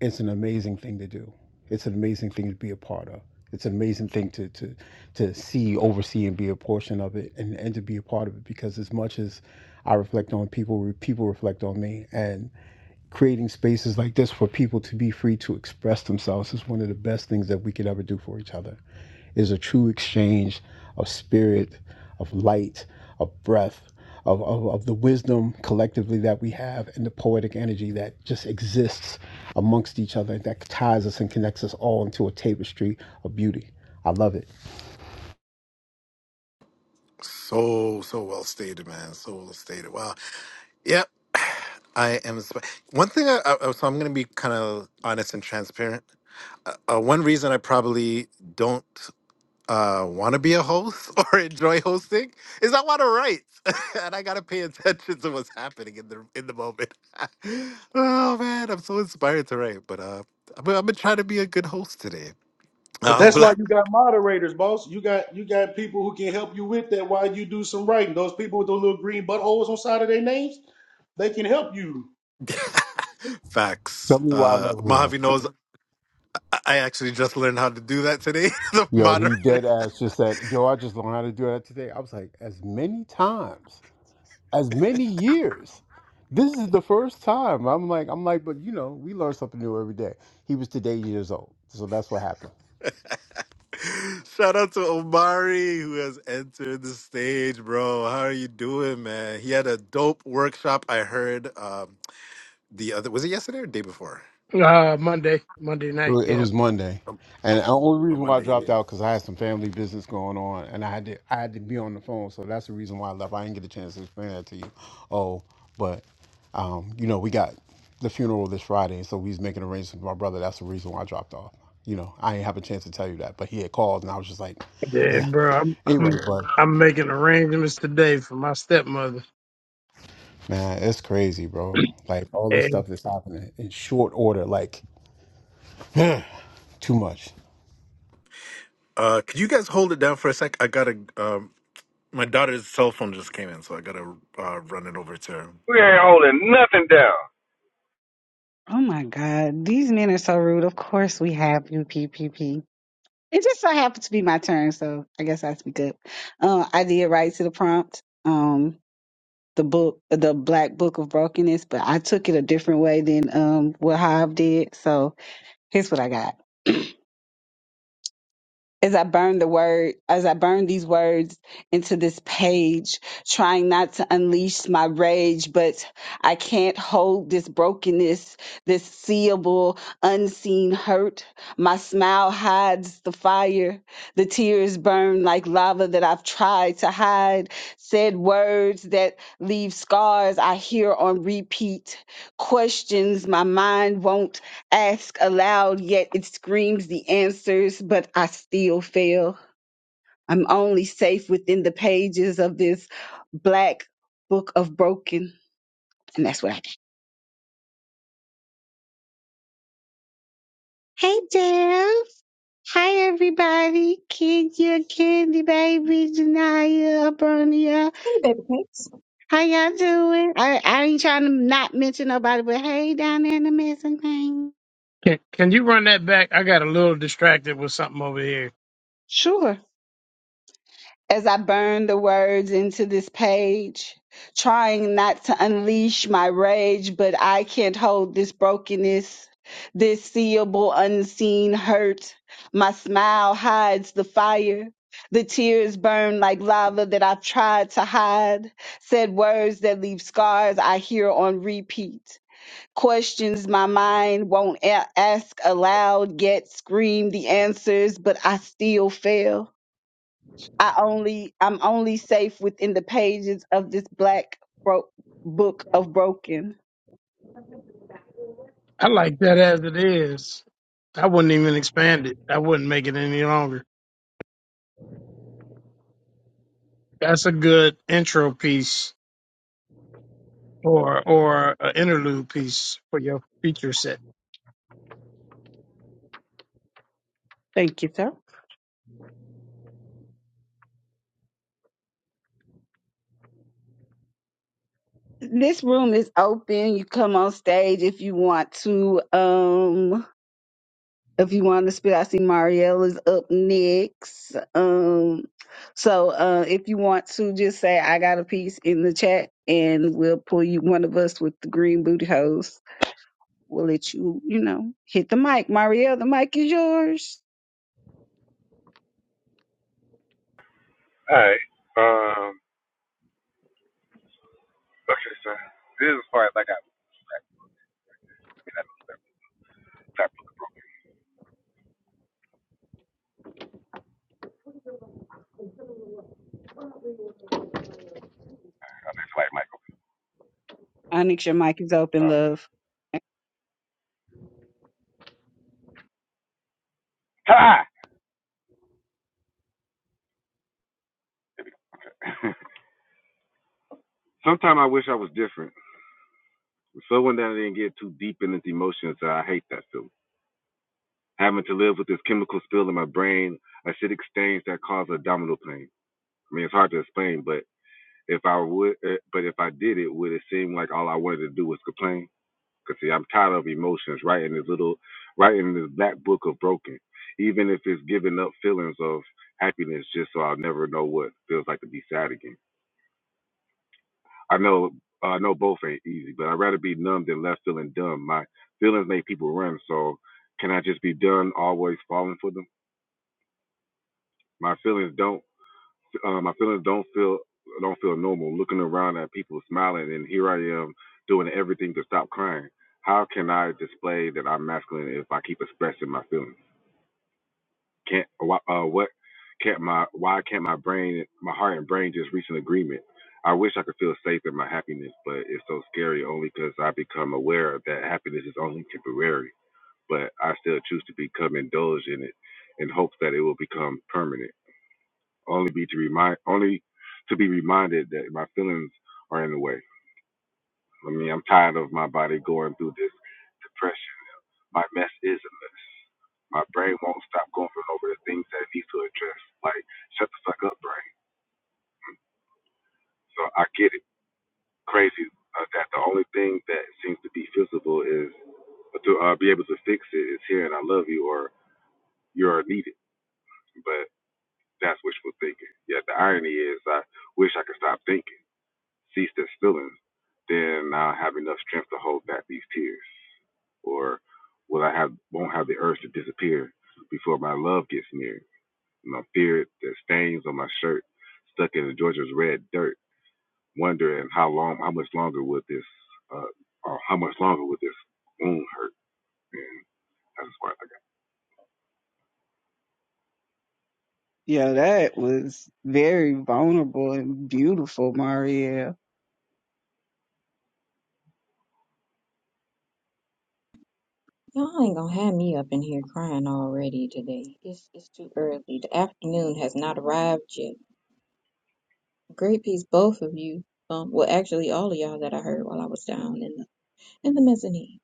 Speaker 3: it's an amazing thing to do it's an amazing thing to be a part of it's an amazing thing to to to see oversee and be a portion of it and, and to be a part of it because as much as i reflect on people people reflect on me and creating spaces like this for people to be free to express themselves is one of the best things that we could ever do for each other is a true exchange of spirit, of light, of breath, of, of, of the wisdom collectively that we have and the poetic energy that just exists amongst each other that ties us and connects us all into a tapestry of beauty. I love it.
Speaker 1: so so well stated, man. So well stated. Wow. Yep. I am. sp- One thing. I, I, so I'm gonna be kind of honest and transparent. Uh, uh, one reason I probably don't. uh want to be a host or enjoy hosting is I want to write and I got to pay attention to what's happening in the in the moment. oh man, I'm so inspired to write, but uh I'm, gonna- I'm going to try to be a good host today.
Speaker 6: But
Speaker 1: Uh
Speaker 6: that's why
Speaker 1: black
Speaker 6: you got moderators, boss. You got you got people who can help you with that while you do some writing. Those people with those little green buttholes on side of their names, they can help you.
Speaker 3: Tell
Speaker 1: facts.
Speaker 3: me why I
Speaker 1: Uh
Speaker 3: love her.
Speaker 1: Mojave knows I I actually just learned how to do that today. the
Speaker 3: Yo, he
Speaker 1: moderator.
Speaker 3: dead ass just said, Yo, I just learned how to do that today. I was like, as many times. as many years. This is the first time. I'm like, I'm like, but you know, we learn something new every day. He was today years old, so that's what happened.
Speaker 1: Shout out to Omari who has entered the stage, bro. How are you doing, man? He had a dope workshop I heard. Um the other was it yesterday or the day before?
Speaker 8: Uh, Monday, Monday
Speaker 3: It
Speaker 8: night.
Speaker 3: was, it
Speaker 8: Yeah,
Speaker 3: was Monday,
Speaker 1: Um,
Speaker 3: and the only
Speaker 1: On
Speaker 3: reason why I
Speaker 1: Monday. Yeah.
Speaker 3: dropped out because I had some family business going on, and I had to, I had to be on the phone, so that's the reason why I left. I didn't get a chance to explain that to you. Oh, but um, you know, we got the funeral this Friday, so we was making arrangements with my brother. That's the reason why I dropped off. You know, I didn't have a chance to tell you that, but he had called, and I was just like,
Speaker 8: yeah,
Speaker 3: eh.
Speaker 8: bro. I'm
Speaker 3: anyway.
Speaker 8: I'm
Speaker 3: but.
Speaker 8: I'm making arrangements today for my stepmother.
Speaker 3: Man, it's crazy, bro. Like all this
Speaker 8: And
Speaker 3: stuff that's happening in short order, like too much.
Speaker 1: Uh, could you guys hold it down for a sec? I gotta. Um, my daughter's cell phone just came in, so I gotta uh, run it over to her.
Speaker 2: Oh my God. These men are so rude. Of course we have you, PPP. It just so happened to be my turn, so I guess I speak up. Uh, I did write to the prompt. Um, the book, the Black Book of Brokenness, but I took it a different way than um what Hive did. So here's what I got as I burn the word, as I burn these words into this page, trying not to unleash my rage, but I can't hold this brokenness, this seeable, unseen hurt. My smile hides the fire. The tears burn like lava that I've tried to hide. Said words that leave scars I hear on repeat. Questions my mind won't ask aloud, yet it screams the answers, but I still fail. I'm only safe within the pages of this black book of broken. And that's what I got. Hey, Jeff. Hi, everybody. Kenya, Candy, Baby, Janaya, Abronia.
Speaker 9: Hey, baby cakes.
Speaker 2: How y'all doing? I, I ain't trying to not mention nobody, but hey, down there in the missing thing.
Speaker 8: can can you run that back? I got a little distracted with something over here.
Speaker 2: Sure. as I burn the words into this page, trying not to unleash my rage, but I can't hold this brokenness, this seeable, unseen hurt. My smile hides the fire. The tears burn like lava that I've tried to hide. Said words that leave scars I hear on repeat. Questions my mind won't a- ask aloud, yet scream the answers, but I still fail. I only I'm only safe within the pages of this black bro- book of broken.
Speaker 8: I like that as it is. I wouldn't even expand it. I wouldn't make it any longer. That's a good intro piece or or an interlude piece for your feature set.
Speaker 2: Thank you, sir. This room is open. You come on stage if you want to. Um, if you want to spit, I see Marielle is up next. Um, so uh, if you want to, just say I got a piece in the chat, and we'll pull you one of us with the green booty hose. We'll let you, you know, hit the mic. Marielle, the mic is yours. Onyx, your mic is open, love. Yeah, that was very vulnerable and beautiful, Maria.
Speaker 9: Y'all ain't gonna have me up in here crying already today. It's it's too early. The afternoon has not arrived yet. Great piece, both of you. Um, well, actually, all of y'all that I heard while I was down in the in the mezzanine.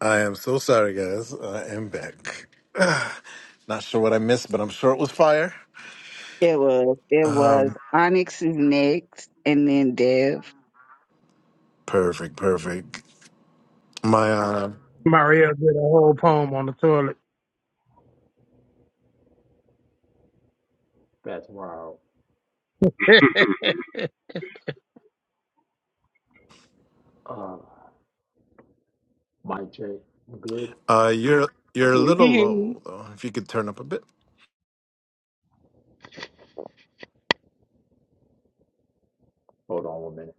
Speaker 1: I am so sorry, guys. I am back. Not sure what I missed, but I'm sure it was fire.
Speaker 2: It was. It
Speaker 1: Um,
Speaker 2: was. Onyx is next, and then Dev.
Speaker 1: perfect, perfect. My uh,
Speaker 8: Mario did a whole poem on the toilet.
Speaker 10: That's wow. Uh, Mike J, I'm Good.
Speaker 1: uh, you're you're a
Speaker 2: We
Speaker 1: little
Speaker 2: can hear you.
Speaker 1: low though. If you could turn up a bit.
Speaker 10: Hold on one minute.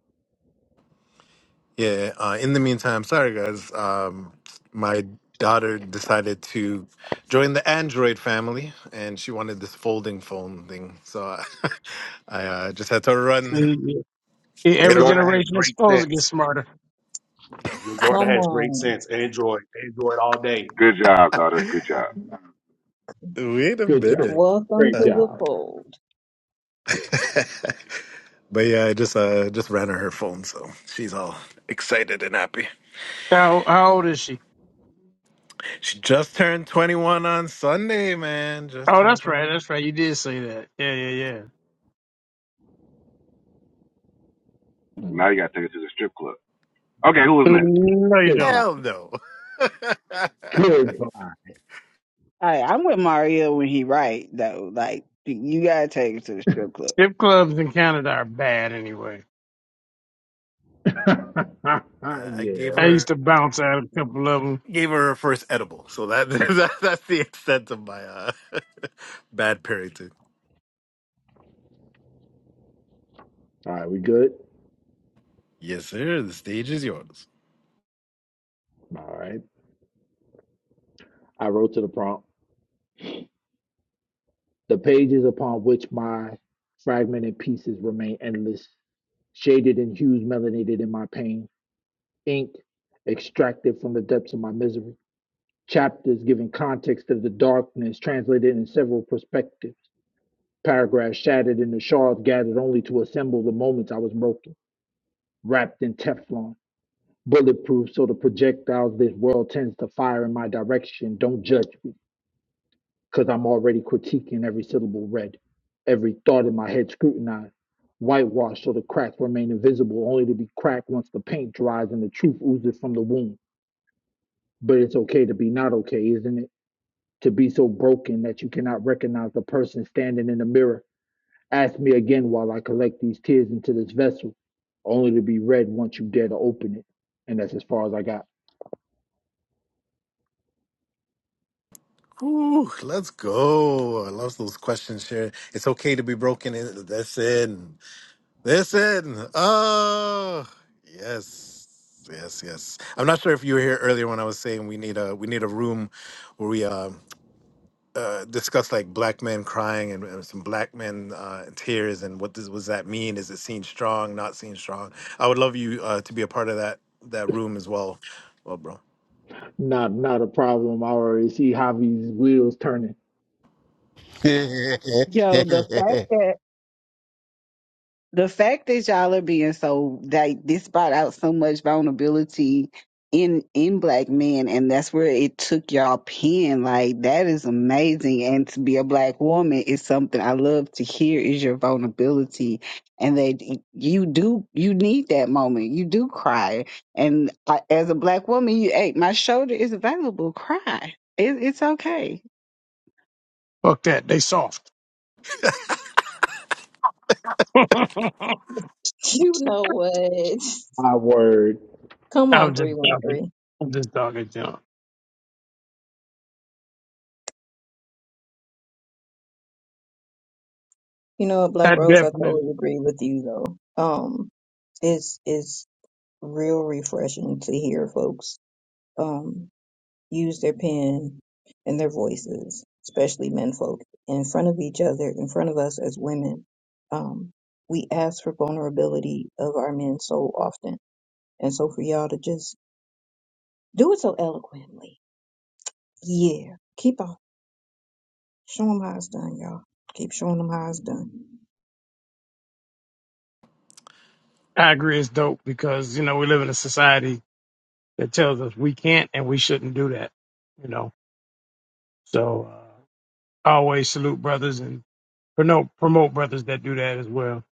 Speaker 1: Yeah. Uh, in the meantime, sorry guys. Um, my daughter decided to join the Android family, and she wanted this folding phone thing. So I, I uh, just had to run.
Speaker 8: See,
Speaker 6: Your
Speaker 1: It,
Speaker 8: every
Speaker 6: daughter has
Speaker 8: generation is
Speaker 6: great
Speaker 8: supposed to get
Speaker 6: sense.
Speaker 8: smarter.
Speaker 6: Your daughter
Speaker 9: Come
Speaker 6: has great
Speaker 9: on,
Speaker 6: sense. Android, Android all day.
Speaker 1: wait a
Speaker 10: Good job.
Speaker 1: minute.
Speaker 9: welcome
Speaker 10: Great
Speaker 1: Uh,
Speaker 9: to the
Speaker 10: job.
Speaker 9: fold.
Speaker 1: but yeah, I just uh, just ran her her phone, so she's all excited and happy.
Speaker 8: How, how old is she?
Speaker 1: She just turned twenty one on Sunday, man. Just
Speaker 8: Oh,
Speaker 1: turned
Speaker 8: that's
Speaker 1: twenty
Speaker 8: right.
Speaker 1: one.
Speaker 8: That's right. You did say that. Yeah, yeah, yeah.
Speaker 10: Mm.
Speaker 8: No, you don't.
Speaker 10: Goodbye.
Speaker 1: Hell no.
Speaker 10: Goodbye.
Speaker 2: I, I'm with Mario when he right though. Like you gotta take it to the strip club.
Speaker 8: Strip clubs in Canada are bad anyway.
Speaker 1: Uh, I gave
Speaker 10: yeah.
Speaker 8: I
Speaker 1: her.
Speaker 8: used to bounce out a couple of them.
Speaker 1: gave her her first edible. So that, that that's the extent of my uh, bad parenting.
Speaker 10: All right, we good?
Speaker 1: Yes, sir. The stage is yours.
Speaker 10: All right. I wrote to the prompt. The pages upon which my fragmented pieces remain endless, shaded in hues melanated in my pain, ink extracted from the depths of my misery, chapters giving context to the darkness, translated in several perspectives Paragraphs shattered and the shards gathered only to assemble the moments I was broken, wrapped in Teflon, bulletproof so the projectiles this world tends to fire in my direction don't judge me, because I'm already critiquing every syllable read, every thought in my head scrutinized, whitewashed so the cracks remain invisible, only to be cracked once the paint dries and the truth oozes from the wound. But it's okay to be not okay, isn't it? To be so broken that you cannot recognize the person standing in the mirror Ask me again while I collect these tears into this vessel, only to be red once you dare to open it. And that's as far as I got.
Speaker 1: Ooh, let's go. I love those questions, Sharon. It's okay to be broken. Listen, listen. Oh, yes, yes, yes. I'm not sure if you were here earlier when I was saying we need a we need a room where we um uh, discussed like black men crying and, and some black men uh, in tears and what does, was that mean? Is it seen strong, not seen strong? I would love you uh, to be a part of that that room as well, well, bro.
Speaker 10: Not not a problem. I already see Javi's wheels turning.
Speaker 2: Yo, the fact that the fact that y'all are being so like this brought out so much vulnerability in in black men and that's where it took y'all pen like that is amazing and to be a black woman is something i love to hear is your vulnerability and that you do you need that moment you do cry and I, as a black woman you hey my shoulder is available cry it, it's okay
Speaker 8: Fuck that. They soft. I'm
Speaker 9: You know what?
Speaker 10: My word.
Speaker 9: Come on,
Speaker 8: just
Speaker 9: three one
Speaker 8: talking.
Speaker 9: three.
Speaker 8: I'm just talking junk.
Speaker 9: You know what,
Speaker 8: I
Speaker 9: Black Rose? I totally
Speaker 8: definitely,
Speaker 9: agree with you though. Um, it's it's real refreshing to hear folks. Um, use their pen and their voices, especially menfolk, in front of each other, in front of us as women. Um, we ask for vulnerability of our men so often. And so for y'all to just do it so eloquently. Yeah. Keep on. Show them how it's done, y'all. Keep showing them how it's done.
Speaker 8: I agree it's dope because, you know, we live in a society that tells us we can't and we shouldn't do that, you know. So uh, I always salute brothers and promote, promote brothers that do that as well.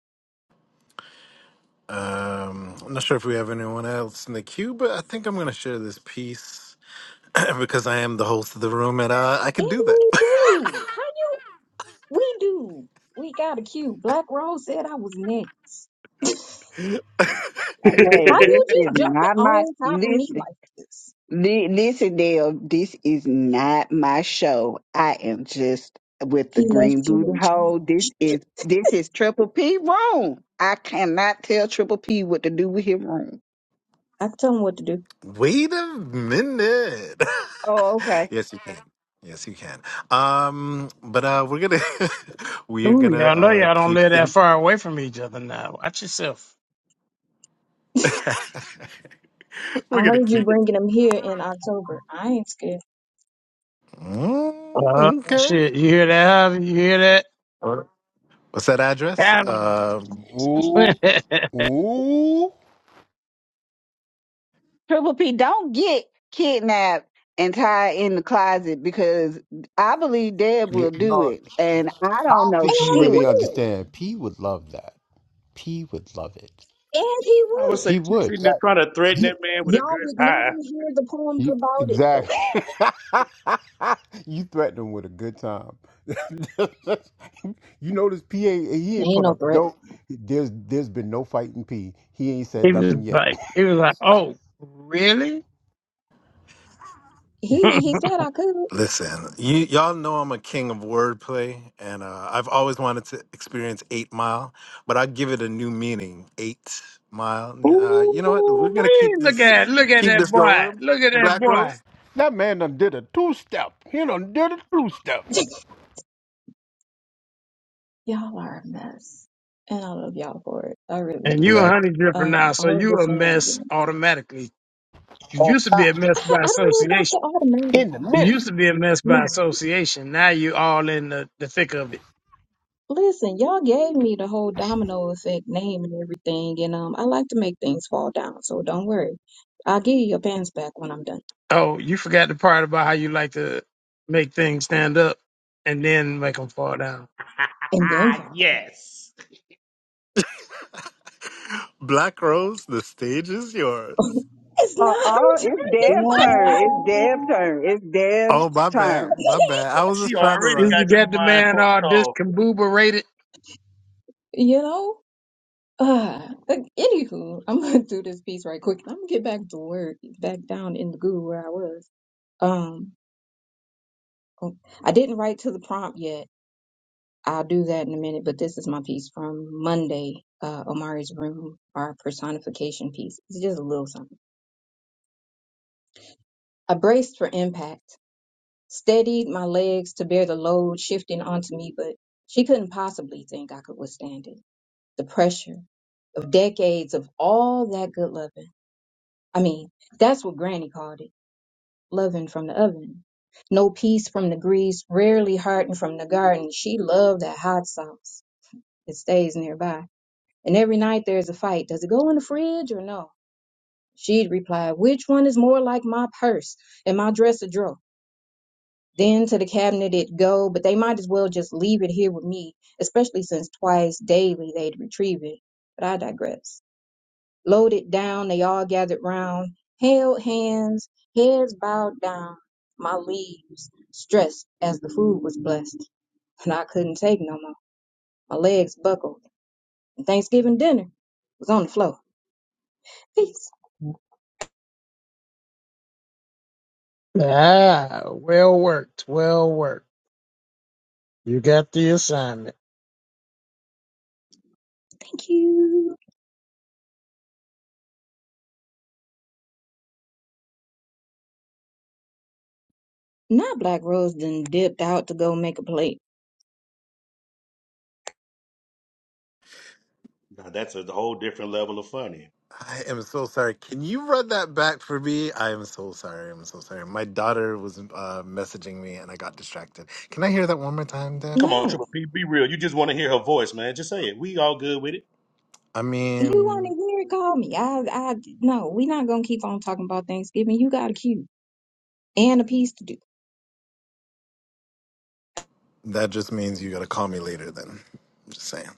Speaker 1: Um, I'm not sure if we have anyone else in the queue, but I think I'm gonna share this piece because I am the host of the room and uh, I could
Speaker 9: And
Speaker 1: do that.
Speaker 9: we do. Hi, we do. We got a cue. Black Rose said I was next. How
Speaker 2: hey this
Speaker 9: you
Speaker 2: is
Speaker 9: just jumping
Speaker 2: not my
Speaker 9: on top of me
Speaker 2: listen
Speaker 9: like this?
Speaker 2: Li- Listen, Dale, this is not my show. I am just with the
Speaker 9: He
Speaker 2: Green
Speaker 9: left you
Speaker 2: Booty
Speaker 9: in charge.
Speaker 2: Hole. This is this is Triple P room. I cannot tell Triple P what to do with his room.
Speaker 9: I tell him what to do.
Speaker 1: Wait a minute.
Speaker 2: Oh, okay.
Speaker 1: yes, you can. Yes, you can. Um, but uh, we're gonna we're
Speaker 8: Ooh,
Speaker 1: gonna
Speaker 8: y'all know
Speaker 1: uh,
Speaker 8: y'all don't
Speaker 1: keep
Speaker 8: live
Speaker 1: in
Speaker 8: that far away from each other now. Watch yourself.
Speaker 1: We're
Speaker 9: I
Speaker 1: gonna
Speaker 9: heard you
Speaker 1: keep.
Speaker 9: bringing him here in October. I ain't scared.
Speaker 8: Oh
Speaker 1: Mm, okay.
Speaker 8: shit! You hear that? Harvey? You hear that?
Speaker 1: What's that address?
Speaker 8: Adam.
Speaker 1: Uh,
Speaker 3: Ooh, ooh.
Speaker 2: Triple P, don't get kidnapped and tied in the closet because I believe Deb
Speaker 3: Y-
Speaker 2: will do
Speaker 3: y'all,
Speaker 2: it, and I
Speaker 3: I
Speaker 2: don't
Speaker 3: don't
Speaker 2: know
Speaker 9: And
Speaker 3: think you really
Speaker 2: shit.
Speaker 9: will.
Speaker 3: understand. P would love that. P would love it.
Speaker 9: And he
Speaker 6: I would
Speaker 9: would.
Speaker 6: say
Speaker 3: He
Speaker 6: she's
Speaker 3: would.
Speaker 6: sitting there
Speaker 3: That-
Speaker 6: trying to threaten
Speaker 3: You,
Speaker 6: that man with a
Speaker 9: Y'all
Speaker 6: good
Speaker 9: would never
Speaker 6: time.
Speaker 9: hear the poems
Speaker 3: you,
Speaker 9: about it though.
Speaker 3: exactly. you threatened him with a good time. you notice P ain't, he
Speaker 9: There
Speaker 3: ain't
Speaker 9: ain't
Speaker 3: put
Speaker 9: no
Speaker 3: up
Speaker 9: threat.
Speaker 3: no. There's there's been no fighting P. He ain't
Speaker 8: he
Speaker 3: said
Speaker 8: was
Speaker 3: nothing yet.
Speaker 8: like, he was like, oh, really?
Speaker 9: He he said I could.
Speaker 1: listen, you y'all know I'm a king of wordplay, and uh, I've always wanted to experience Eight Mile, but I give it a new meaning. Eight Mile. Uh, you know what? We're
Speaker 8: Ooh,
Speaker 1: gonna keep
Speaker 8: look
Speaker 1: this
Speaker 8: at, look at
Speaker 1: keep
Speaker 8: that
Speaker 1: this
Speaker 8: boy!
Speaker 1: going.
Speaker 8: Look at that
Speaker 1: Black
Speaker 8: boy!
Speaker 1: Rose.
Speaker 3: That man done did a two step. He done did a two step
Speaker 9: Y'all are a mess. And I love y'all for it. I really
Speaker 8: And you
Speaker 9: do.
Speaker 8: a
Speaker 1: Black.
Speaker 8: honey dripper
Speaker 9: Uh
Speaker 8: now, so
Speaker 9: all of
Speaker 8: you
Speaker 9: the
Speaker 8: a mess
Speaker 9: shenanigans.
Speaker 8: automatically. You
Speaker 3: on
Speaker 8: used to be
Speaker 3: top
Speaker 8: a
Speaker 9: I,
Speaker 8: mess by
Speaker 9: I don't know about the
Speaker 8: association.
Speaker 9: automatic
Speaker 3: in the
Speaker 9: part.
Speaker 8: You used
Speaker 3: midst.
Speaker 8: to be a mess
Speaker 9: You
Speaker 8: by
Speaker 9: know.
Speaker 8: association. Now you all in the, the thick of it.
Speaker 9: Listen, y'all gave me the whole domino effect name and everything, and um I like to make things fall down, so don't worry. I'll give you your pants back when I'm done.
Speaker 8: Oh, you forgot the part about how you like to make things stand up and then make them fall down.
Speaker 9: And then Father,
Speaker 6: yes.
Speaker 1: Black Rose. The stage is yours.
Speaker 9: it's
Speaker 2: Uh
Speaker 9: not
Speaker 2: uh
Speaker 9: her
Speaker 2: it's
Speaker 9: turn, it's
Speaker 2: Deb's turn.
Speaker 9: my
Speaker 2: It's
Speaker 9: turn.
Speaker 6: Ooh,
Speaker 2: Deb's turn. It's
Speaker 1: Oh
Speaker 2: Deb's
Speaker 1: my bad,
Speaker 2: turn.
Speaker 1: my bad. I was just
Speaker 6: she
Speaker 1: trying to
Speaker 6: already
Speaker 1: run.
Speaker 8: Since you
Speaker 6: got your
Speaker 8: got the
Speaker 6: mind
Speaker 8: man all
Speaker 6: fucked off.
Speaker 8: discombobulated.
Speaker 9: you know? Uh, like, anywho, I'm gonna do this piece right quick. I'm gonna get back to work, back down in the goo where I was. Um, oh, I didn't write to the prompt yet. I'll do that in a minute, but this is my piece from Monday, uh, Omari's Room, our personification piece. It's just a little something. I braced for impact, steadied my legs to bear the load shifting onto me, but she couldn't possibly think I could withstand it. the pressure of decades of all that good loving. I mean, that's what Granny called it loving from the oven. No peace from the grease, rarely hardened from the garden. She loved that hot sauce. It stays nearby. And every night there's a fight. Does it go in the fridge or no? She'd reply, Which one is more like my purse and my dresser drawer? Then to the cabinet it'd go, but they might as well just leave it here with me, especially since twice daily they'd retrieve it. But I digress. Loaded down, they all gathered round, held hands, heads bowed down, my leaves stressed as the food was blessed, and I couldn't take no more. My legs buckled, and Thanksgiving dinner was on the floor. Peace,
Speaker 8: Ah, well worked, well worked. You got the assignment.
Speaker 9: thank you. Not Black Rose then dipped out to go make a plate.
Speaker 6: Now that's a whole different level of funny.
Speaker 1: I am so sorry. Can you run that back for me? I am so sorry. I'm so sorry. My daughter was uh, messaging me and I got distracted. Can I hear that one more time,
Speaker 6: Come
Speaker 1: Dev?
Speaker 6: on,
Speaker 9: No,
Speaker 6: Triple P, be real. You just want to hear her voice, man. Just say it. We all good with it.
Speaker 1: I
Speaker 9: you want
Speaker 1: mean,
Speaker 9: to hear it? Call me. I, I, no, we not gonna keep on talking about Thanksgiving. You got a cue and a piece to do.
Speaker 1: that just means you got to call me later then. I'm just saying.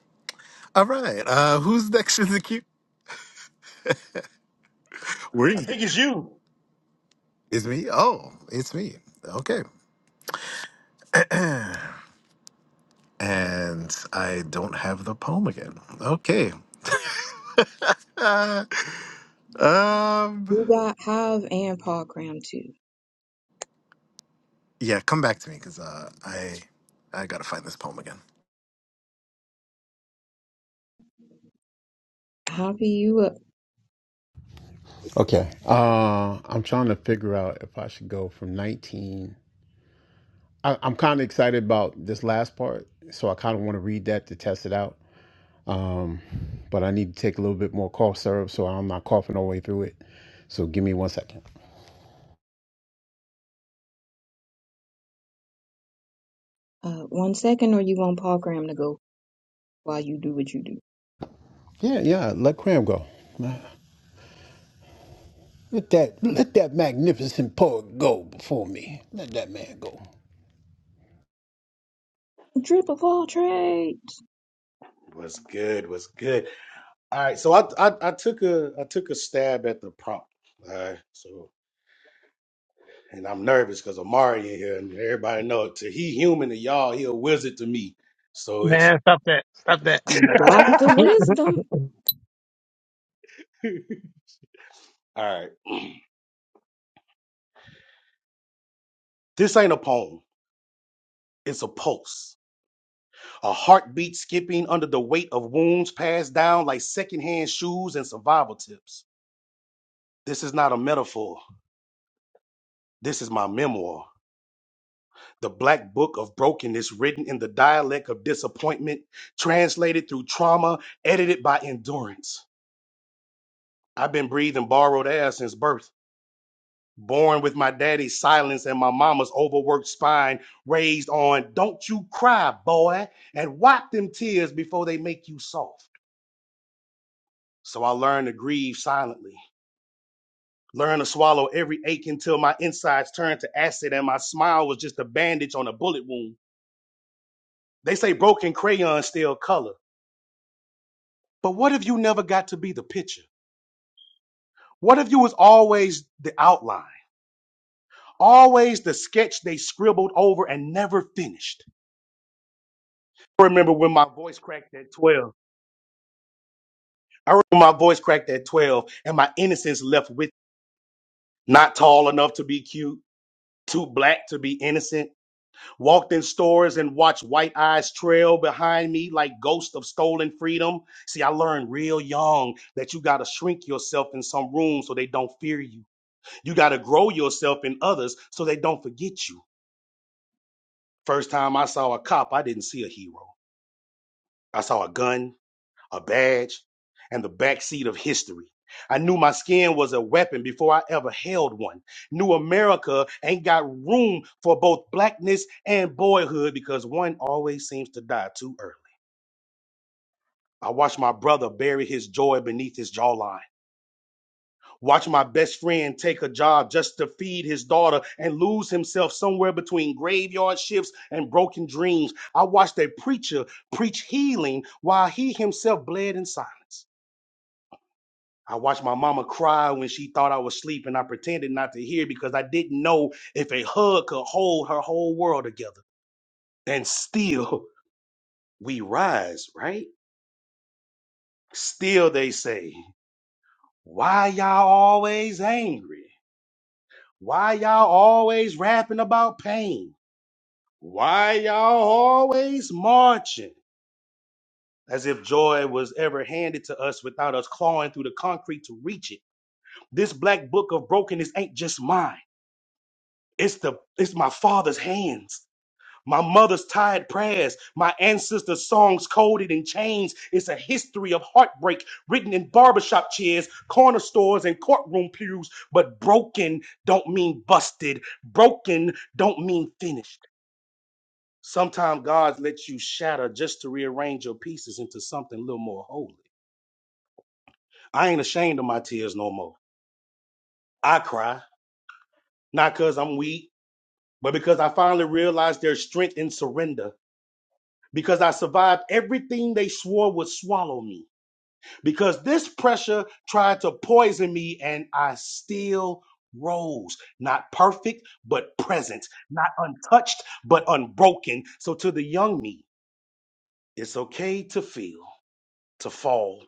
Speaker 1: All right. Uh, who's next in the queue? Where
Speaker 6: I
Speaker 1: is it?
Speaker 6: think it's you.
Speaker 1: It's me. Oh, it's me. Okay. and I don't have the poem again. Okay. Uh, um.
Speaker 9: You got Hive and Paul Graham too.
Speaker 1: Yeah, come back to me because uh, I I gotta find this poem again.
Speaker 9: I'll be you up.
Speaker 3: Okay. Uh, I'm trying to figure out if I should go from 19. I, I'm kind of excited about this last part, so I kind of want to read that to test it out. Um, but I need to take a little bit more cough syrup so I'm not coughing all the way through it. So give me one second.
Speaker 9: Uh, one second, or you want Paul Graham to go while you do what you do.
Speaker 3: Yeah, yeah. Let Cram go. Let that let that magnificent poet go before me. Let that man go.
Speaker 9: Drip of all trades,
Speaker 6: Was good. Was good. All right. So I, I I took a I took a stab at the prompt. All right. So and I'm nervous because Amari in here and everybody know to he human to y'all he a wizard to me. So it's
Speaker 8: Man, stop that. Stop that.
Speaker 9: Doctor Wisdom.
Speaker 6: all right. This ain't a poem. It's a pulse. A heartbeat skipping under the weight of wounds passed down like secondhand shoes and survival tips. This is not a metaphor. This is my memoir. The black book of brokenness, written in the dialect of disappointment, translated through trauma, edited by endurance. I've been breathing borrowed air since birth, born with my daddy's silence and my mama's overworked spine, raised on, don't you cry, boy, and wipe them tears before they make you soft. So I learned to grieve silently, learned to swallow every ache until my insides turned to acid and my smile was just a bandage on a bullet wound. They say broken crayons still color. But what if you never got to be the picture? What if you was always the outline, always the sketch they scribbled over and never finished? I remember when my voice cracked at 12. I remember my voice cracked at 12 and my innocence left with not tall enough to be cute, too black to be innocent. Walked in stores and watched white eyes trail behind me like ghosts of stolen freedom. See, I learned real young that you got to shrink yourself in some room so they don't fear you. You got to grow yourself in others so they don't forget you. First time I saw a cop, I didn't see a hero. I saw a gun, a badge, and the backseat of history. I knew my skin was a weapon before I ever held one. New America ain't got room for both blackness and boyhood because one always seems to die too early. I watched my brother bury his joy beneath his jawline. Watch my best friend take a job just to feed his daughter and lose himself somewhere between graveyard shifts and broken dreams. I watched a preacher preach healing while he himself bled in silence. I watched my mama cry when she thought I was asleep and I pretended not to hear because I didn't know if a hug could hold her whole world together. And still we rise, right? Still they say, why y'all always angry? Why y'all always rapping about pain? Why y'all always marching? As if joy was ever handed to us without us clawing through the concrete to reach it. This black book of brokenness ain't just mine. It's the it's my father's hands, my mother's tired prayers, my ancestors' songs coded in chains. It's a history of heartbreak written in barbershop chairs, corner stores, and courtroom pews. But broken don't mean busted. Broken don't mean finished. Sometimes God lets you shatter just to rearrange your pieces into something a little more holy. I ain't ashamed of my tears no more. I cry, not because I'm weak, but because I finally realized there's strength in surrender. Because I survived everything they swore would swallow me. Because this pressure tried to poison me and I still rose. Not perfect, but present. Not untouched, but unbroken. So to the young me, it's okay to feel, to fall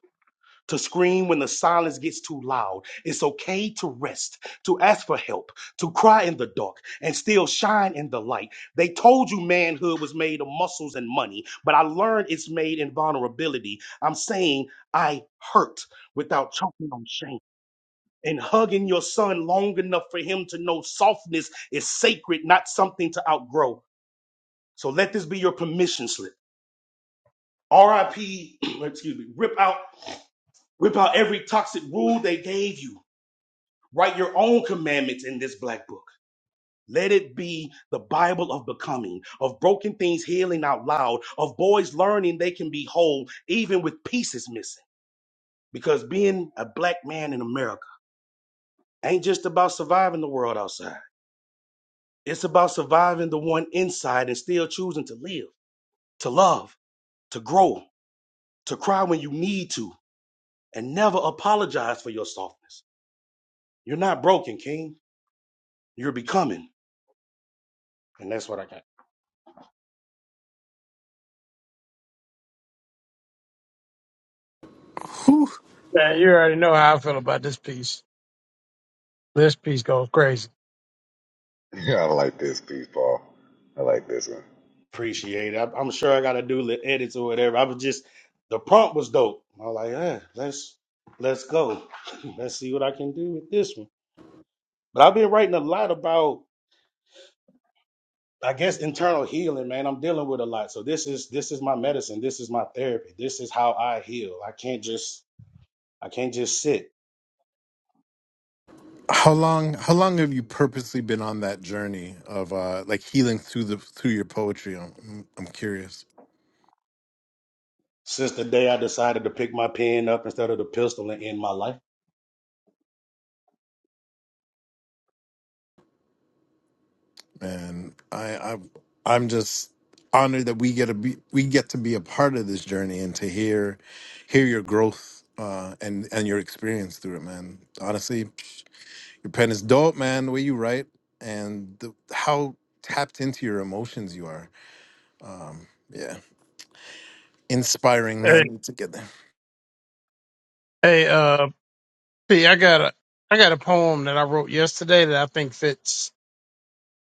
Speaker 6: to scream when the silence gets too loud. It's okay to rest, to ask for help, to cry in the dark and still shine in the light. They told you manhood was made of muscles and money, but I learned it's made in vulnerability. I'm saying I hurt without choking on shame. And hugging your son long enough for him to know softness is sacred, not something to outgrow. So let this be your permission slip. RIP, excuse me, rip out, rip out every toxic rule they gave you Write your own commandments in this black book. Let it be the Bible of becoming, of broken things healing out loud, of boys learning they can be whole even with pieces missing. Because being a black man in America ain't just about surviving the world outside. It's about surviving the one inside and still choosing to live, to love, to grow, to cry when you need to, and never apologize for your softness. You're not broken, King. You're becoming. And that's what I got.
Speaker 1: Whew.
Speaker 8: Man, you already know how I feel about this piece. This piece goes crazy.
Speaker 6: Appreciate it. I, I'm sure I got to do the edits or whatever. I was just the prompt was dope. I was like, eh, let's let's go. let's see what I can do with this one. But I've been writing a lot about, I guess, internal healing, man. I'm dealing with a lot, so this is this is my medicine. This is my therapy. This is how I heal. I can't just I can't just sit.
Speaker 1: How long? How long have you purposely been on that journey of uh, like healing through the through your poetry? I'm I'm curious,
Speaker 6: since the day I decided to pick my pen up instead of the pistol and end my life.
Speaker 1: and I I I'm just honored that we get to be we get to be a part of this journey and to hear hear your growth uh, and and your experience through it, man. Honestly, your pen is dope, man. The way you write and the, how tapped into your emotions you are. Um, yeah, inspiring. I
Speaker 8: Hey,
Speaker 1: need to get
Speaker 8: hey, uh, P, I got a, I got a poem that I wrote yesterday that I think fits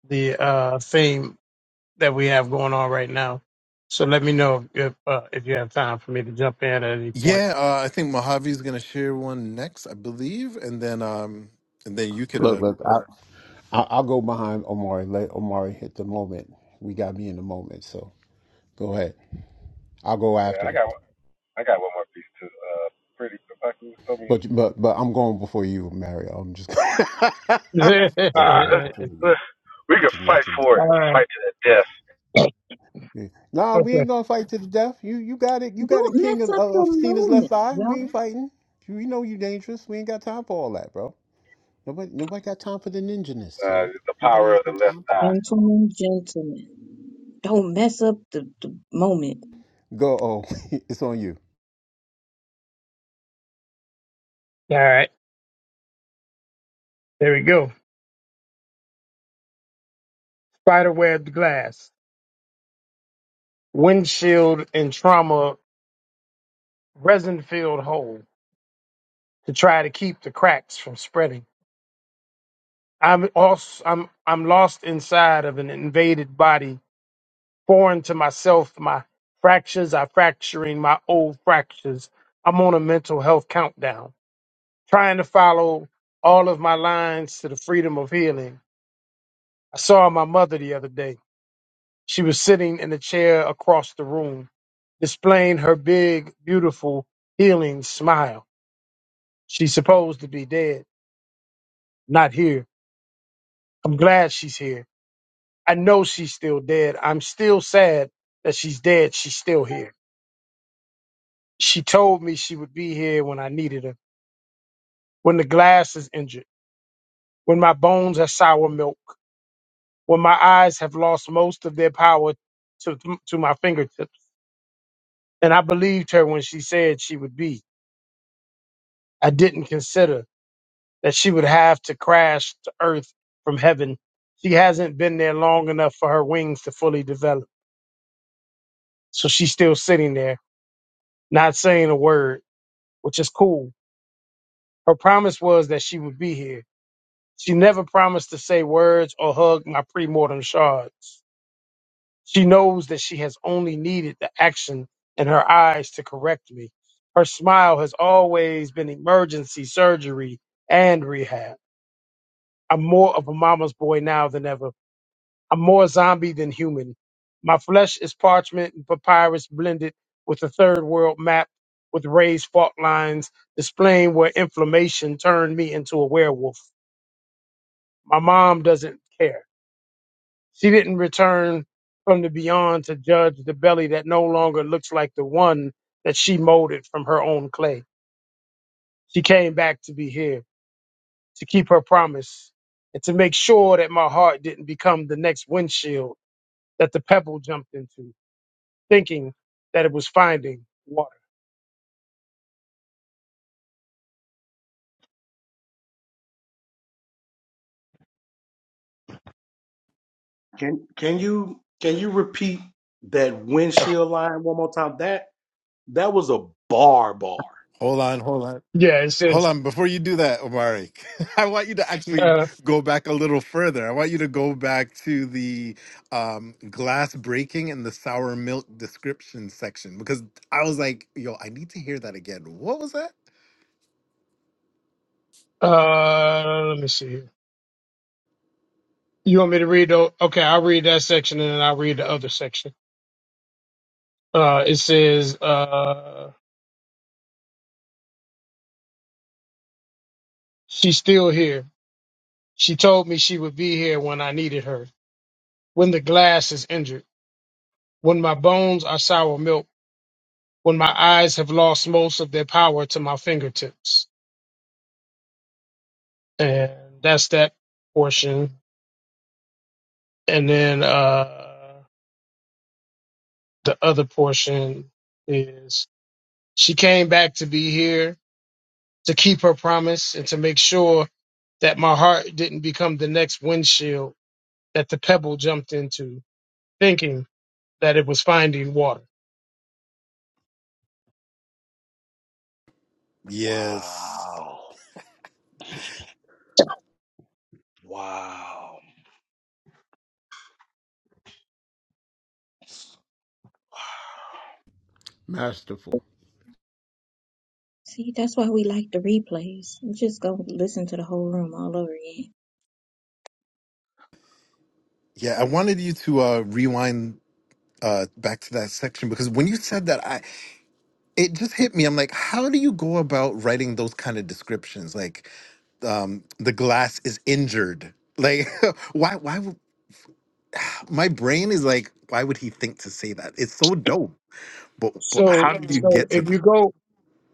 Speaker 8: the uh theme that we have going on right now. So let me know if if, uh, if you have time for me to jump in at any point.
Speaker 1: Yeah, uh, I think Mojave's gonna share one next, I believe, and then um, and then you could
Speaker 3: Look,
Speaker 1: uh,
Speaker 3: look. I- I'll go behind Omari. Let Omari hit the moment. We got me in the moment, so go ahead. I'll go after him. But but but I'm going before you, Mario. I'm just just going before you to let you know.
Speaker 8: All right.
Speaker 3: Yeah. Nah, we
Speaker 8: Okay.
Speaker 3: ain't gonna fight to the death. You you got it. You got a
Speaker 9: Don't
Speaker 3: king
Speaker 9: mess
Speaker 3: of,
Speaker 9: up
Speaker 3: of,
Speaker 9: the
Speaker 3: of Cena's left
Speaker 9: moment,
Speaker 3: eye. We ain't
Speaker 9: y'all.
Speaker 3: fighting. You We know you dangerous. We ain't got time for all that, bro. Nobody nobody got time for the ninjaness, sir. Nobody has no time for this.
Speaker 9: Gentlemen, gentlemen, don't mess up the, the moment.
Speaker 3: Go. Oh, it's on you.
Speaker 8: All right. There we go. Spiderweb glass, windshield and trauma resin filled hole to try to keep the cracks from spreading. I'm also I'm I'm lost inside of an invaded body, foreign to myself. My fractures are fracturing my old fractures. I'm on a mental health countdown, trying to follow all of my lines to the freedom of healing. I saw my mother the other day. She was sitting in a chair across the room. displaying her big, beautiful, healing smile. She's supposed to be dead, not here. I'm glad she's here. I know she's still dead. I'm still sad that she's dead. She's still here. She told me she would be here when I needed her, when the glass is injured, when my bones are sour milk, when my eyes have lost most of their power to, to my fingertips. And I believed her when she said she would be. I didn't consider that she would have to crash to earth from heaven. She hasn't been there long enough for her wings to fully develop. So she's still sitting there, not saying a word, which is cool. Her promise was that she would be here. She never promised to say words or hug my premortem shards. She knows that she has only needed the action in her eyes to correct me. Her smile has always been emergency surgery and rehab. I'm more of a mama's boy now than ever I'm more zombie than human. My flesh is parchment and papyrus blended with a third world map with raised fault lines displaying where inflammation turned me into a werewolf. My mom doesn't care. She didn't return from the beyond to judge the belly that no longer looks like the one that she molded from her own clay. She came back to be here, to keep her promise, and to make sure that my heart didn't become the next windshield that the pebble jumped into. thinking that it was finding water.
Speaker 6: Can can you can you repeat that windshield line one more time? That that was a bar bar.
Speaker 1: hold on, hold on,
Speaker 8: Yeah, it
Speaker 1: hold
Speaker 8: says,
Speaker 1: on. Before you do that, Omari, I want you to actually
Speaker 8: uh,
Speaker 1: go back a little further. I want you to go back to the um, glass breaking and the sour milk description section because I was like, yo, I need to hear that again. What was that?
Speaker 8: uh, let me see here. You want me to read? The, okay, I'll read that section and then I'll read the other section. Uh, it says, uh, she's still here. She told me she would be here when I needed her, when the glass is injured, when my bones are sour milk, when my eyes have lost most of their power to my fingertips. And that's that portion. And then, uh, the other portion is She came back to be here to keep her promise and to make sure that my heart didn't become the next windshield that the pebble jumped into, thinking that it was finding water.
Speaker 1: Yes,
Speaker 6: Wow. Wow.
Speaker 3: Masterful.
Speaker 9: See, that's why we like the replays. We just go listen to the whole room all over again.
Speaker 1: yeah, I wanted you to uh, rewind uh, back to that section because when you said that, it just hit me. I'm like, how do you go about writing those kind of descriptions? Like, um, the glass is injured. Like, why? Why? would- My brain is like, why would he think to say that? It's so dope. But but
Speaker 8: So,
Speaker 1: how did you
Speaker 8: so
Speaker 1: get to
Speaker 8: if
Speaker 1: that?
Speaker 8: you go,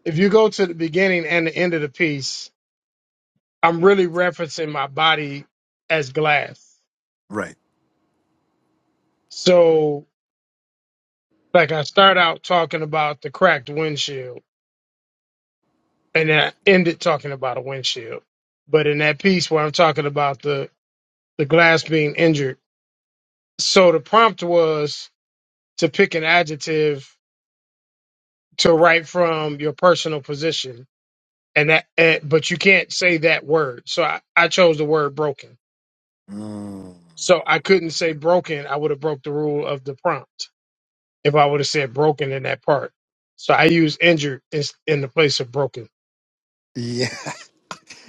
Speaker 8: if you go to the beginning and the end of the piece, I'm really referencing my body as glass.
Speaker 1: Right.
Speaker 8: So, like I start out talking about the cracked windshield and then I ended talking about a windshield. But in that piece where I'm talking about the, the glass being injured, So the prompt was to pick an adjective to write from your personal position, and that, and, but you can't say that word. So I, I chose the word broken.
Speaker 1: Mm.
Speaker 8: So I couldn't say broken. I would have broke the rule of the prompt if I would have said broken in that part. So I used injured in, in the place of broken.
Speaker 1: Yeah.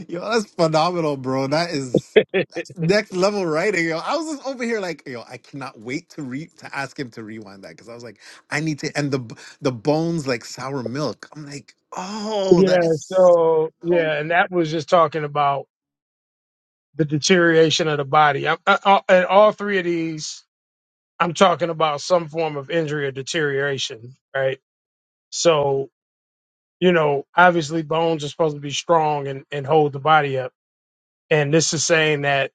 Speaker 1: Yo, that's phenomenal, bro. That is that's next level writing. Yo, I was just over here like, yo, I cannot wait to re to ask him to rewind that because I was like, I need to and the b- the bones like sour milk. I'm like, oh,
Speaker 8: Yeah.
Speaker 1: that is so
Speaker 8: So yeah,
Speaker 1: dope.
Speaker 8: and that was just talking about the deterioration of the body. I, I, I, and all three of these, I'm talking about some form of injury or deterioration, right? So, you know, obviously bones are supposed to be strong and, and hold the body up. And this is saying that,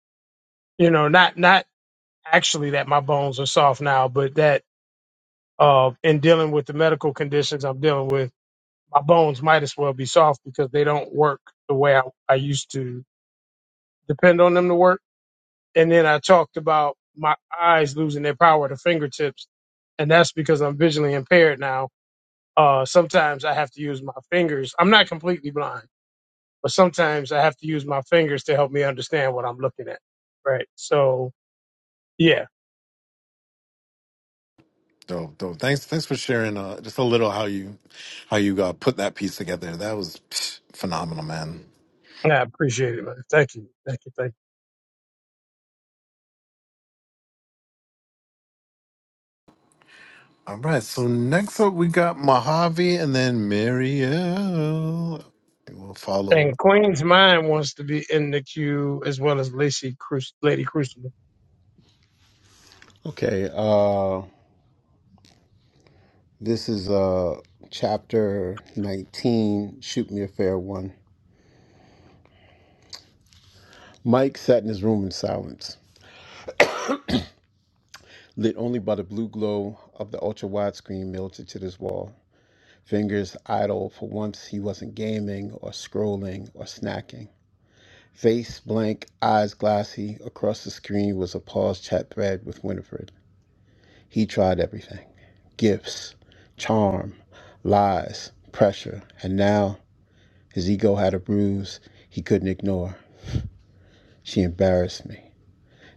Speaker 8: you know, not not actually that my bones are soft now, but that uh in dealing with the medical conditions I'm dealing with, my bones might as well be soft because they don't work the way I, I used to depend on them to work. And then I talked about my eyes losing their power to fingertips, and that's because I'm visually impaired now. Uh sometimes I have to use my fingers. I'm not completely blind but sometimes I have to use my fingers to help me understand what I'm looking at. Right. So yeah,
Speaker 1: Dope, dope. Thanks, thanks for sharing uh, just a little how you how you uh, put that piece together. That was psh, phenomenal, man.
Speaker 8: I appreciate it, man. Thank you. Thank you. Thank
Speaker 1: All right, so next up we got Mojave and then Marielle. And We'll
Speaker 8: you. And
Speaker 1: follow.
Speaker 8: Queen's Mind wants to be in the queue as well as Lacey Cruci- Lady Crucible.
Speaker 3: Okay. Uh, This is uh chapter 19, Shoot Me a Fair One. Mike sat in his room in silence, lit only by the blue glow of the ultra wide screen melted to his wall. Fingers idle, for once he wasn't gaming or scrolling or snacking. Face blank, eyes glassy, across the screen was a paused chat thread with Winifred. He tried everything gifts, charm, lies, pressure, and now his ego had a bruise he couldn't ignore. She embarrassed me.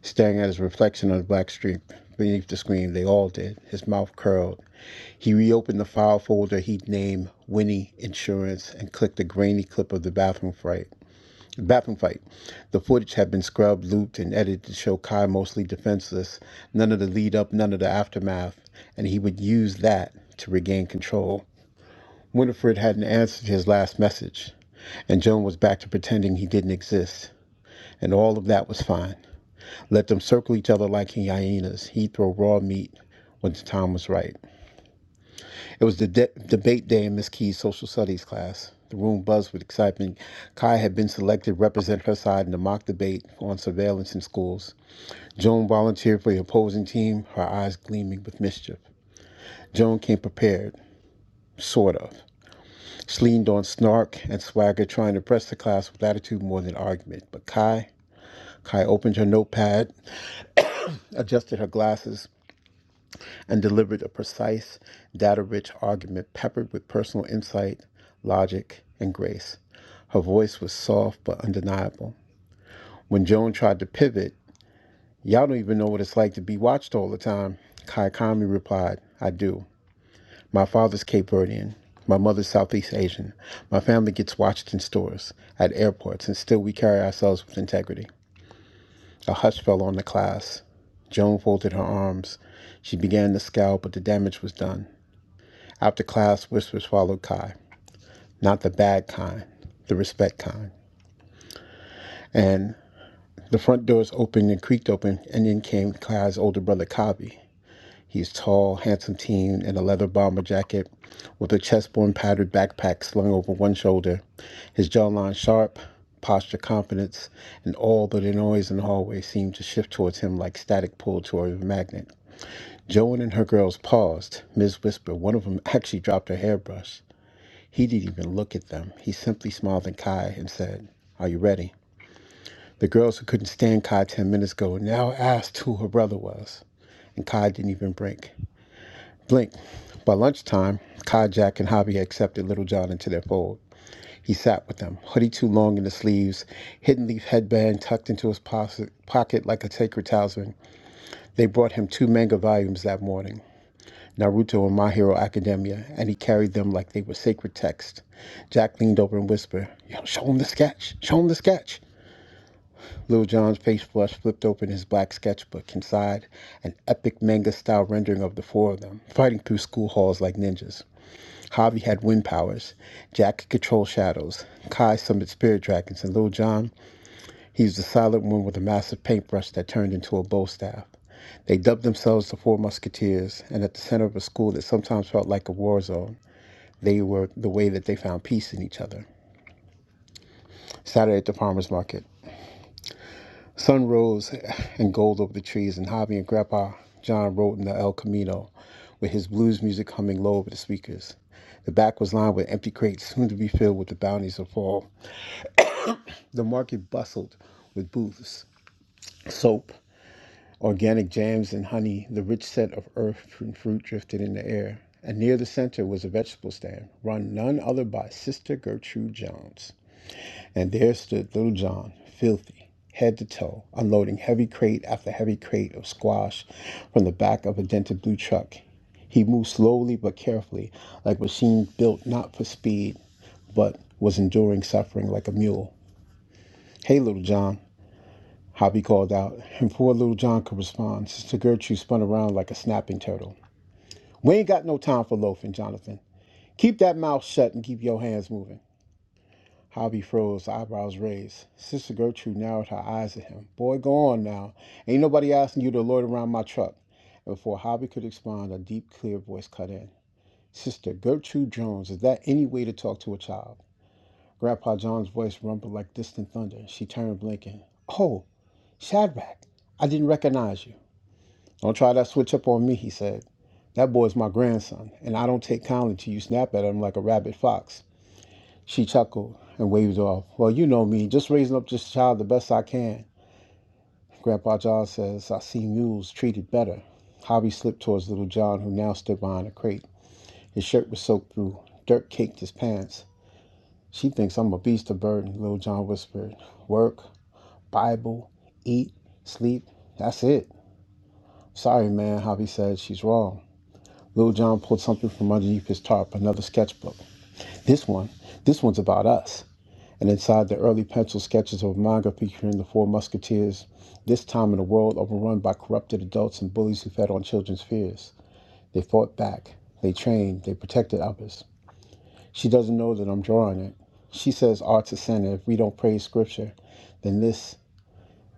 Speaker 3: Staring at his reflection on the black streak beneath the screen, they all did. His mouth curled. He reopened the file folder he'd named Winnie Insurance and clicked a grainy clip of the bathroom fight. Bathroom fight. The footage had been scrubbed, looped, and edited to show Kai mostly defenseless. None of the lead up, none of the aftermath, and he would use that to regain control. Winifred hadn't answered his last message, and Joan was back to pretending he didn't exist, and all of that was fine. Let them circle each other like hyenas. He'd throw raw meat when the time was right. It was the de- debate day in Miss Key's social studies class. The room buzzed with excitement. Kai had been selected to represent her side in the mock debate on surveillance in schools. Joan volunteered for the opposing team, her eyes gleaming with mischief. Joan came prepared, sort of. She leaned on snark and swagger, trying to press the class with attitude more than argument. But Kai, Kai opened her notepad, adjusted her glasses, and delivered a precise, data rich argument peppered with personal insight, logic, and grace. Her voice was soft but undeniable. When Joan tried to pivot, Y'all don't even know what it's like to be watched all the time, Kaikami replied, I do. My father's Cape Verdean. My mother's Southeast Asian. My family gets watched in stores, at airports, and still we carry ourselves with integrity. A hush fell on the class. Joan folded her arms. She began to scowl, but the damage was done. After class, whispers followed Kai, not the bad kind, the respect kind. And the front doors opened and creaked open, and in came Kai's older brother, Kabi. He's tall, handsome teen in a leather bomber jacket with a chessboard patterned backpack slung over one shoulder, his jawline sharp, posture confidence, and all but the noise in the hallway seemed to shift towards him like static pulled toward a magnet. Joan and her girls paused. Ms. Whisper, one of them actually dropped her hairbrush. He didn't even look at them. He simply smiled at Kai and said, Are you ready? The girls who couldn't stand Kai 10 minutes ago now asked who her brother was, and Kai didn't even blink. Blink. By lunchtime, Kai, Jack, and Javi accepted Little John into their fold. He sat with them, hoodie too long in the sleeves, hidden leaf headband tucked into his pocket like a sacred talisman. They brought him two manga volumes that morning. Naruto, and My Hero Academia, and he carried them like they were sacred texts. Jack leaned over and whispered, Yo, show him the sketch, show him the sketch. Lil Jon's face flushed, flipped open his black sketchbook. Inside, an epic manga style rendering of the four of them, fighting through school halls like ninjas. Javi had wind powers. Jack could control shadows. Kai summoned spirit dragons, and Lil Jon, he was the silent one with a massive paintbrush that turned into a bow staff. They dubbed themselves the Four Musketeers, and at the center of a school that sometimes felt like a war zone. They were the way that they found peace in each other. Saturday at the farmer's market. Sun rose and gold over the trees, and Javi and Grandpa John rode in the El Camino with his blues music humming low over the speakers. The back was lined with empty crates, soon to be filled with the bounties of fall. The market bustled with booths, soap, organic jams and honey. The rich scent of earth and fruit drifted in the air. And near the center was a vegetable stand, run none other by Sister Gertrude Jones. And there stood little John, filthy, head to toe, unloading heavy crate after heavy crate of squash from the back of a dented blue truck. He moved slowly but carefully, like a machine built not for speed, but was enduring suffering like a mule. Hey, little John, Hobby called out, and before little John could respond, Sister Gertrude spun around like a snapping turtle. We ain't got no time for loafing, Jonathan. Keep that mouth shut and keep your hands moving. Hobby froze, eyebrows raised. Sister Gertrude narrowed her eyes at him. Boy, go on now. Ain't nobody asking you to loiter around my truck. And before Hobby could respond, a deep, clear voice cut in. Sister Gertrude Jones, is that any way to talk to a child? Grandpa John's voice rumbled like distant thunder. She turned, blinking. Oh, Shadrach, I didn't recognize you. Don't try that switch up on me, he said. That boy's my grandson, and I don't take kindly to you snap at him like a rabid fox. She chuckled and waved off. Well, you know me, just raising up this child the best I can. Grandpa John says, I see mules treated better. Hobby slipped towards little John, who now stood behind a crate. His shirt was soaked through. Dirt caked his pants. She thinks I'm a beast of burden, little John whispered. Work, Bible, eat, sleep. That's it. Sorry, man, Hobby said. She's wrong. Little John pulled something from underneath his tarp, another sketchbook. This one, this one's about us. and inside the early pencil sketches of a manga featuring the four musketeers, this time in a world overrun by corrupted adults and bullies who fed on children's fears. They fought back, they trained, they protected others. She doesn't know that I'm drawing it. She says art's a sin, and If we don't praise scripture, then this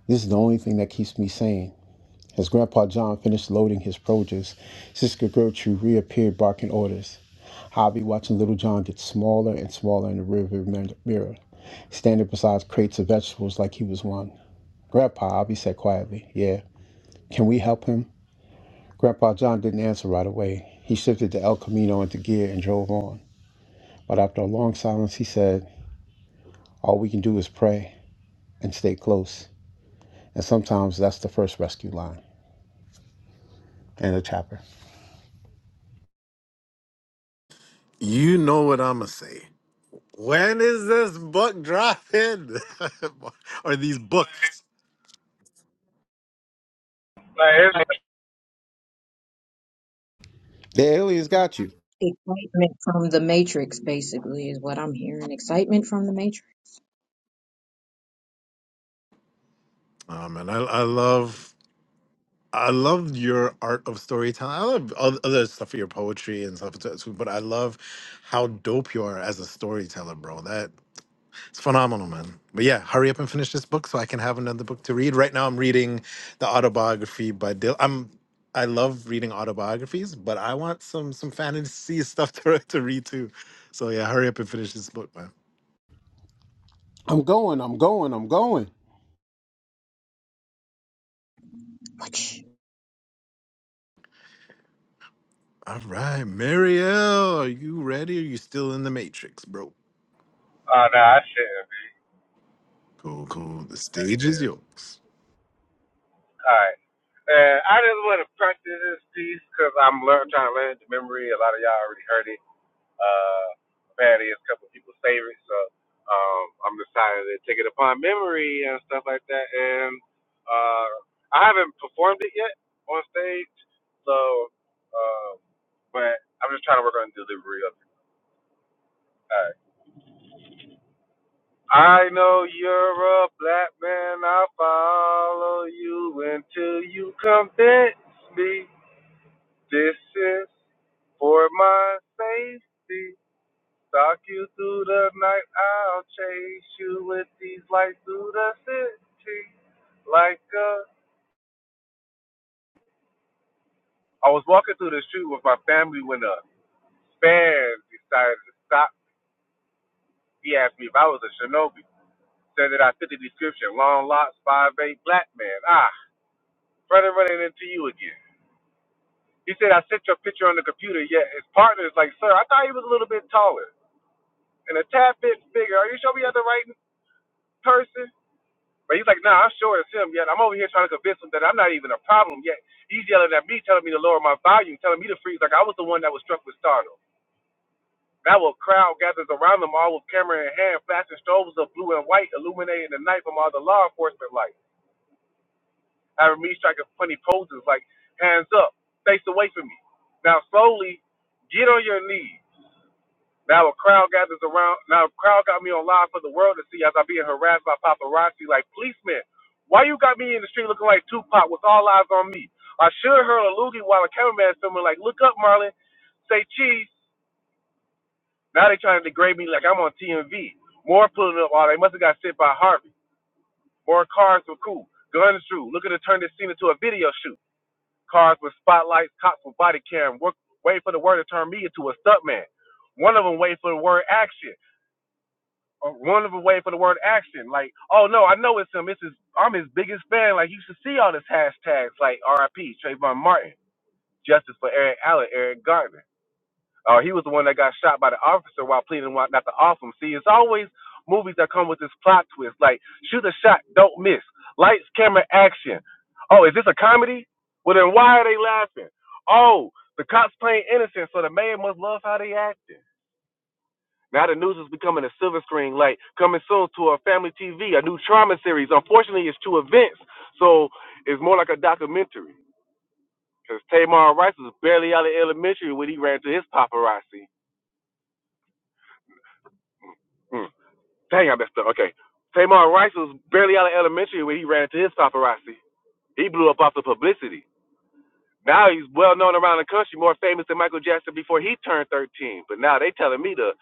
Speaker 3: this is the only thing that keeps me sane. As Grandpa John finished loading his produce, Sister Gertrude reappeared barking orders. Hobby watching Little John get smaller and smaller in the rearview mirror standing beside crates of vegetables like he was one. Grandpa, Abby said quietly, Yeah, can we help him? Grandpa John didn't answer right away. He shifted the El Camino into gear and drove on. But after a long silence, he said, All we can do is pray and stay close. And sometimes that's the first rescue line. And the chapter.
Speaker 1: You know what I'ma say. When is this book dropping? or these books?
Speaker 3: The aliens got you.
Speaker 9: Excitement from the Matrix, basically, is what I'm hearing. Excitement from the Matrix.
Speaker 1: Oh man, I, I love I love your art of storytelling. I love oth- other stuff, your poetry and stuff too. But I love how dope you are as a storyteller, bro. That it's phenomenal, man. But yeah, hurry up and finish this book so I can have another book to read. Right now, I'm reading the autobiography by Dil. I'm I love reading autobiographies, but I want some some fantasy stuff to to read too. So yeah, hurry up and finish this book, man.
Speaker 3: I'm going, I'm going, I'm going.
Speaker 9: Watch.
Speaker 1: All right, Marielle, are you ready? Are you still in the matrix, bro? Cool, cool. The stage is yours.
Speaker 11: I heard I around them all with camera in hand, back from all the law enforcement, like having me striking funny poses, like hands up, face away from me. Now slowly, get on your knees. Now a crowd gathers around. Now a crowd got me on live for the world to see as I'm being harassed by paparazzi, like policemen. Why you got me in the street looking like Tupac with all eyes on me? I should heard a loogie while a cameraman filming, like, look up, Marlon, say cheese. Now they trying to degrade me like I'm on TMV. More pulling up all. They must have got sent by Harvey. More cars were cool. Guns drew. Looking to turn this scene into a video shoot. Cars with spotlights, cops with body cam. Work, wait for the word to turn me into a stuntman. One of them wait for the word action. Uh, One of them wait for the word action. Like, oh no, I know it's him. It's his, I'm his biggest fan. Like, you should see all this hashtags like RIP, Trayvon Martin, Justice for Eric Allen, Eric Garner. Uh, he was the one that got shot by the officer while pleading not to off him. See, it's always movies that come with this plot twist, like shoot a shot, don't miss, lights, camera, action. Oh, is this a comedy? Well, then why are they laughing? Oh, the cops playing innocent, so the man must love how they acting. Now the news is becoming a silver screen, like coming soon to a family TV, a new trauma series. Unfortunately, it's two events, so it's more like a documentary. Because Tamar Rice was barely out of elementary when he ran to his paparazzi. Mm. Dang, I messed up. Okay. Tamar Rice was barely out of elementary when he ran into his paparazzi. He blew up off the publicity. Now he's well known around the country, more famous than Michael Jackson before he turned 13. But now they telling me to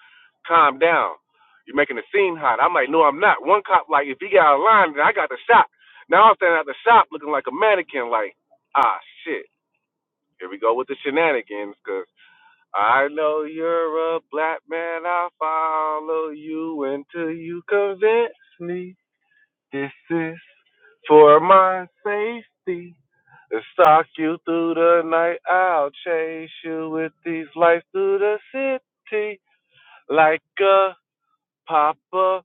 Speaker 11: calm down. You're making the scene hot. I'm like, no, I'm not. One cop like, if he got out of line, then I got the shot. Now I'm standing at the shop looking like a mannequin. Like, ah, shit. Here we go with the shenanigans. Cause I know you're a black man. I'll follow you until you convince me. This is for my safety. stalk you through the night, I'll chase you with these lights through the city like a paparazzi.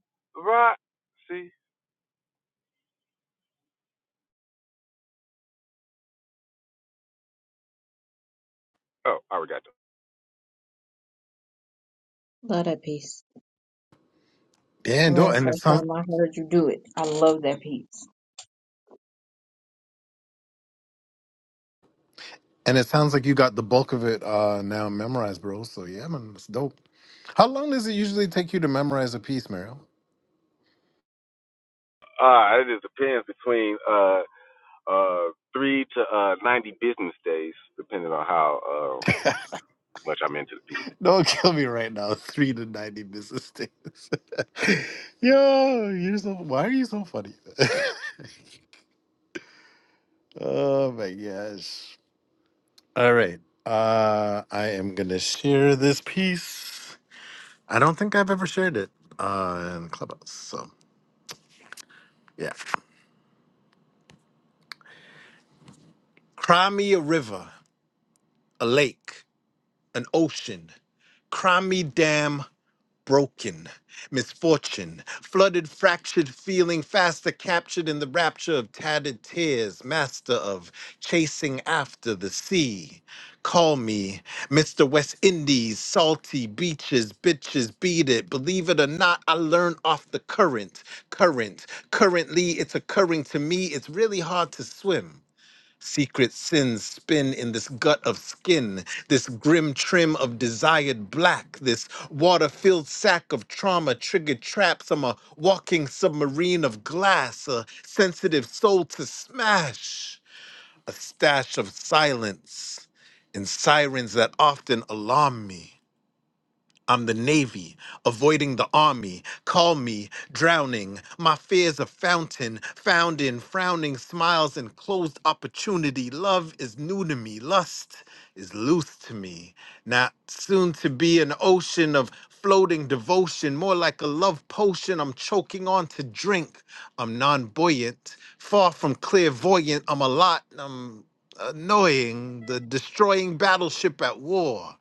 Speaker 9: Love that piece.
Speaker 1: Yeah,
Speaker 9: I
Speaker 1: and, don't-
Speaker 9: remember
Speaker 1: and
Speaker 9: the
Speaker 1: it
Speaker 9: first
Speaker 1: sounds
Speaker 9: time I heard you do it. I love that piece.
Speaker 1: and it sounds like you got the bulk of it uh, now memorized, bro. So yeah, man, it's dope. How long does it usually take you to memorize a piece, Mariel? Don't kill me right now. Three to ninety business days. Yo, you're so. Why are you so funny? oh my gosh! All right, uh, I am gonna share this piece. I don't think I've ever shared it uh, in Clubhouse. So, yeah. Cry me a river, a lake, an ocean. Cry me damn broken, misfortune, flooded, fractured, feeling faster, captured in the rapture of tattered tears, master of chasing after the sea. Call me Mr. West Indies, salty beaches, bitches, beat it. Believe it or not, I learn off the current, current. Currently, it's occurring to me, it's really hard to swim. Secret sins spin in this gut of skin, this grim trim of desired black, this water filled sack of trauma triggered traps. I'm a walking submarine of glass, a sensitive soul to smash, a stash of silence and sirens that often alarm me. I'm the Navy, avoiding the Army. Call me drowning. My fear's a fountain, found in frowning smiles and closed opportunity. Love is new to me, lust is loose to me. Not soon to be an ocean of floating devotion, more like a love potion I'm choking on to drink. I'm non buoyant, far from clairvoyant. I'm a lot, I'm annoying, the destroying battleship at war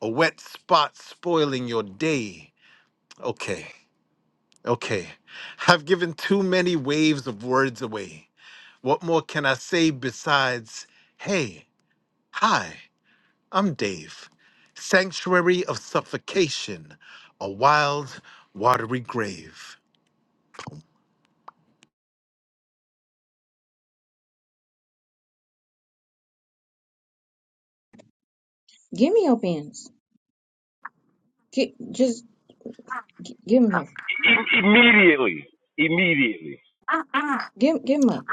Speaker 1: a wet spot spoiling your day. Okay, okay. I've given too many waves of words away. What more can I say besides, hey, hi, I'm Dave. Sanctuary of suffocation, a wild, watery grave.
Speaker 9: Give me your pens. Get, just g- give them here. Give, give 'em up.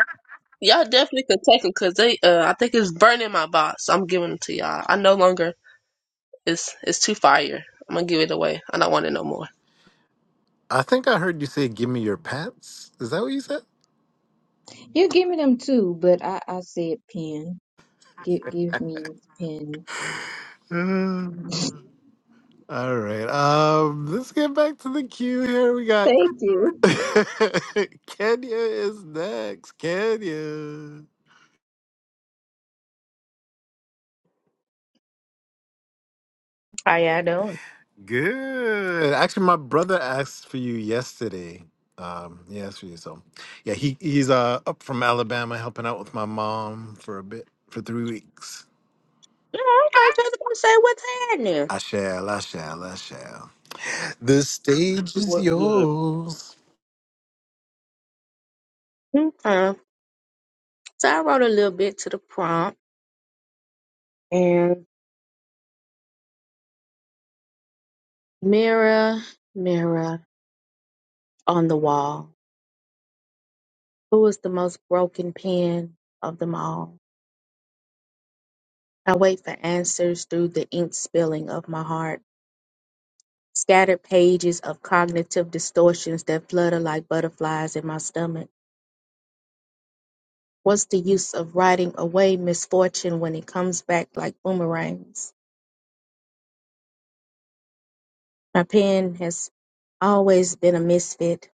Speaker 4: Y'all definitely could take them because they. Uh, I think it's burning my box. I'm giving them to y'all. I no longer. It's it's too fire. I'm gonna give it away. I don't want it no more.
Speaker 1: I think I heard you say, give me your pants. Is that what you said?
Speaker 9: You give me them too, but I, I said pen. Give, give me the pen.
Speaker 1: Uh, all right. Um, let's get back to the queue here. We got
Speaker 9: Thank you.
Speaker 1: Kenya is next. Kenya.
Speaker 12: How y'all doing?
Speaker 1: Good. Actually, my brother asked for you yesterday. Um, he asked for you. So yeah, he, he's uh up from Alabama helping out with my mom for a bit for three weeks.
Speaker 12: Yeah, okay, just gonna say what's happening.
Speaker 1: I shall, I shall, I shall. The stage is
Speaker 6: What good?
Speaker 1: yours.
Speaker 12: Okay. So I wrote a little bit to the prompt and mirror, mirror on the wall. Who is the most broken pen of them all? I wait for answers through the ink spilling of my heart. Scattered pages of cognitive distortions that flutter like butterflies in my stomach. What's the use of writing away misfortune when it comes back like boomerangs? My pen has always been a misfit.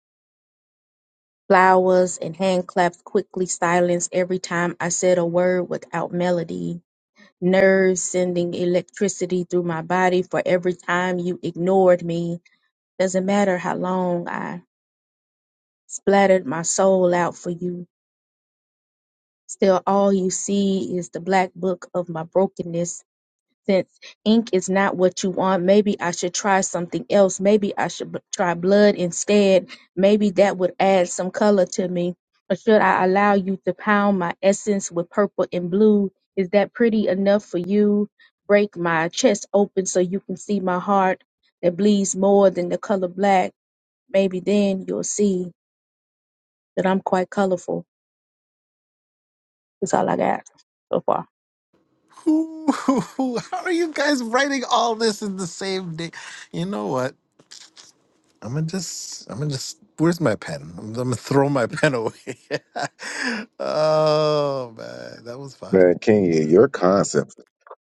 Speaker 12: Flowers and hand claps quickly silenced every time I said a word without melody. Nerves sending electricity through my body for every time you ignored me. Doesn't matter how long I splattered my soul out for you. Still, all you see is the black book of my brokenness since ink is not what you want, maybe I should try something else. Maybe I should b- try blood instead. Maybe that would add some color to me. Or should I allow you to pound my essence with purple and blue? Is that pretty enough for you? Break my chest open so you can see my heart that bleeds more than the color black. Maybe then you'll see that I'm quite colorful. That's all I got so far.
Speaker 1: Ooh, How are you guys writing all this in the same day? You know what? I'm gonna just, I'm gonna just. Where's my pen? I'm, I'm gonna throw my pen away. oh man, that was fire.
Speaker 11: Man, Kenya, your concepts are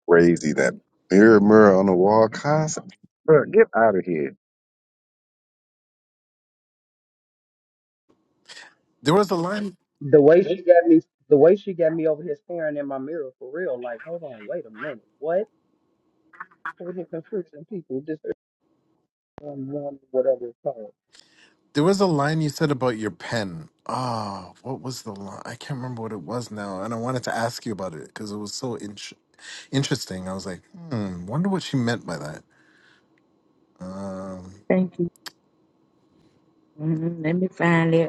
Speaker 11: crazy. That mirror, mirror on the wall concept. Bro, get out of here.
Speaker 1: There was a line.
Speaker 5: the way she got me, the way she got me over here staring in my mirror, for real. Like, hold on, wait a minute, what? Over here confusing people, just um, one whatever it's called.
Speaker 1: There was a line you said about your pen. Oh, what was the line? I can't remember what it was now, and I wanted to ask you about it because it was so in- interesting. I was like, hmm, wonder what she meant by that. Um,
Speaker 12: Thank you. Mm, let me find it.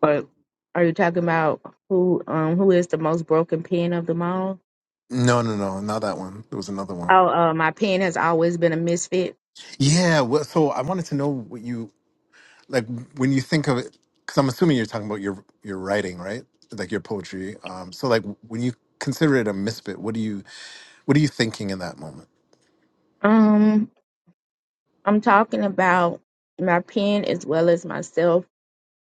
Speaker 12: But are you talking about who um who is the most broken pen of them all?
Speaker 1: no, no, no, not that one. There was another one.
Speaker 12: Oh, uh, my pen has always been a misfit.
Speaker 1: Yeah. Well, so I wanted to know what you like when you think of it because i'm assuming you're talking about your your writing right like your poetry um so like when you consider it a misfit what do you what are you thinking in that moment
Speaker 12: Um, I'm talking about my pen as well as myself.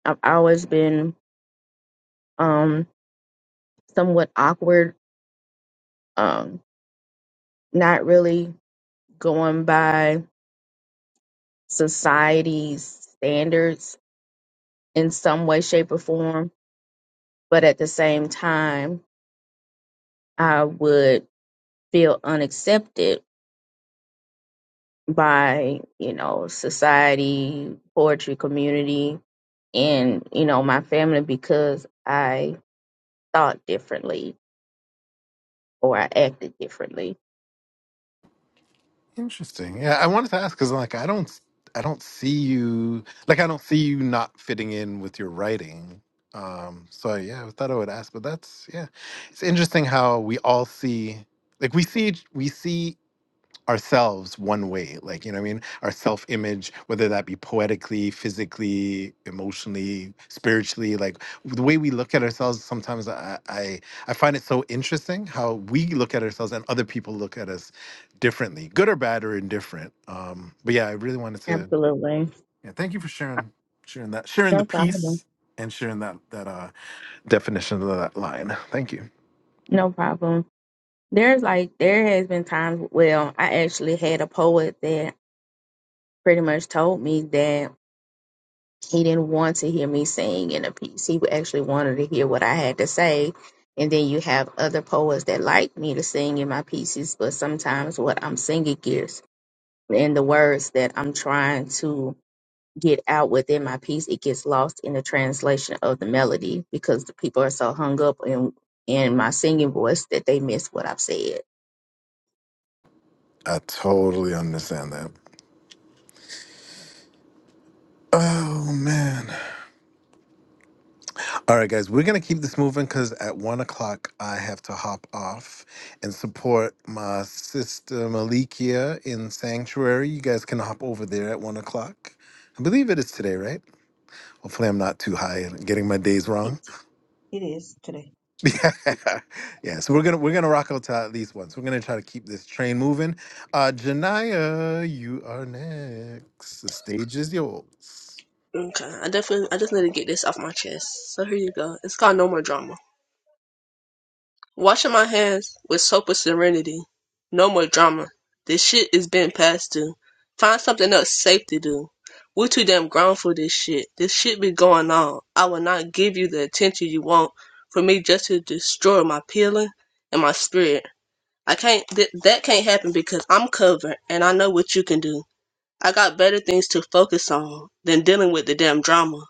Speaker 12: I've always been um somewhat awkward, um, not really going by society's standards in some way, shape, or form. But at the same time, I would feel unaccepted by you know society poetry community and you know my family because i thought differently or i acted differently
Speaker 1: interesting yeah i wanted to ask because like i don't i don't see you like i don't see you not fitting in with your writing um so yeah i thought i would ask but that's yeah it's interesting how we all see like we see we see ourselves one way like you know what i mean our self image whether that be poetically physically emotionally spiritually like the way we look at ourselves sometimes i i, I find it so interesting how we look at ourselves and other people look at us differently good or bad or indifferent um but yeah i really wanted to
Speaker 12: absolutely
Speaker 1: yeah thank you for sharing sharing that sharing the
Speaker 12: no problem
Speaker 1: piece and sharing that that uh definition of that line thank you
Speaker 12: no problem there's like there has been times well i actually had a poet that pretty much told me that He didn't want to hear me sing in a piece. He actually wanted to hear what I had to say. And then you have other poets that like me to sing in my pieces, but sometimes what I'm singing gives and the words that I'm trying to get out within my piece, it gets lost in the translation of the melody because the people are so hung up in in my singing voice that they miss what I've said.
Speaker 1: i totally understand that oh man All right, guys, we're going to keep this moving because at one o'clock I have to hop off and support my sister Malikia in Sanctuary. You guys can hop over there at one o'clock. I believe it is today, right? Hopefully, I'm not too high and getting my days
Speaker 9: It,
Speaker 1: wrong.
Speaker 9: it is today.
Speaker 1: yeah, Yeah. so we're gonna we're gonna rock out to at least once. We're gonna try to keep this train moving. Uh, Janaya, you are next. The stage is yours.
Speaker 4: Okay, I definitely, I just need to get this off my chest. So here you go. It's called No More Drama. Washing my hands with soap with serenity. No more drama. This shit is being passed to. Find something else safe to do. We're too damn grown for this shit. This shit be going on. I will not give you the attention you want for me just to destroy my feeling and my spirit. I can't, th- that can't happen because I'm covered and I know what you can do. I got better things to focus on than dealing with the damn drama.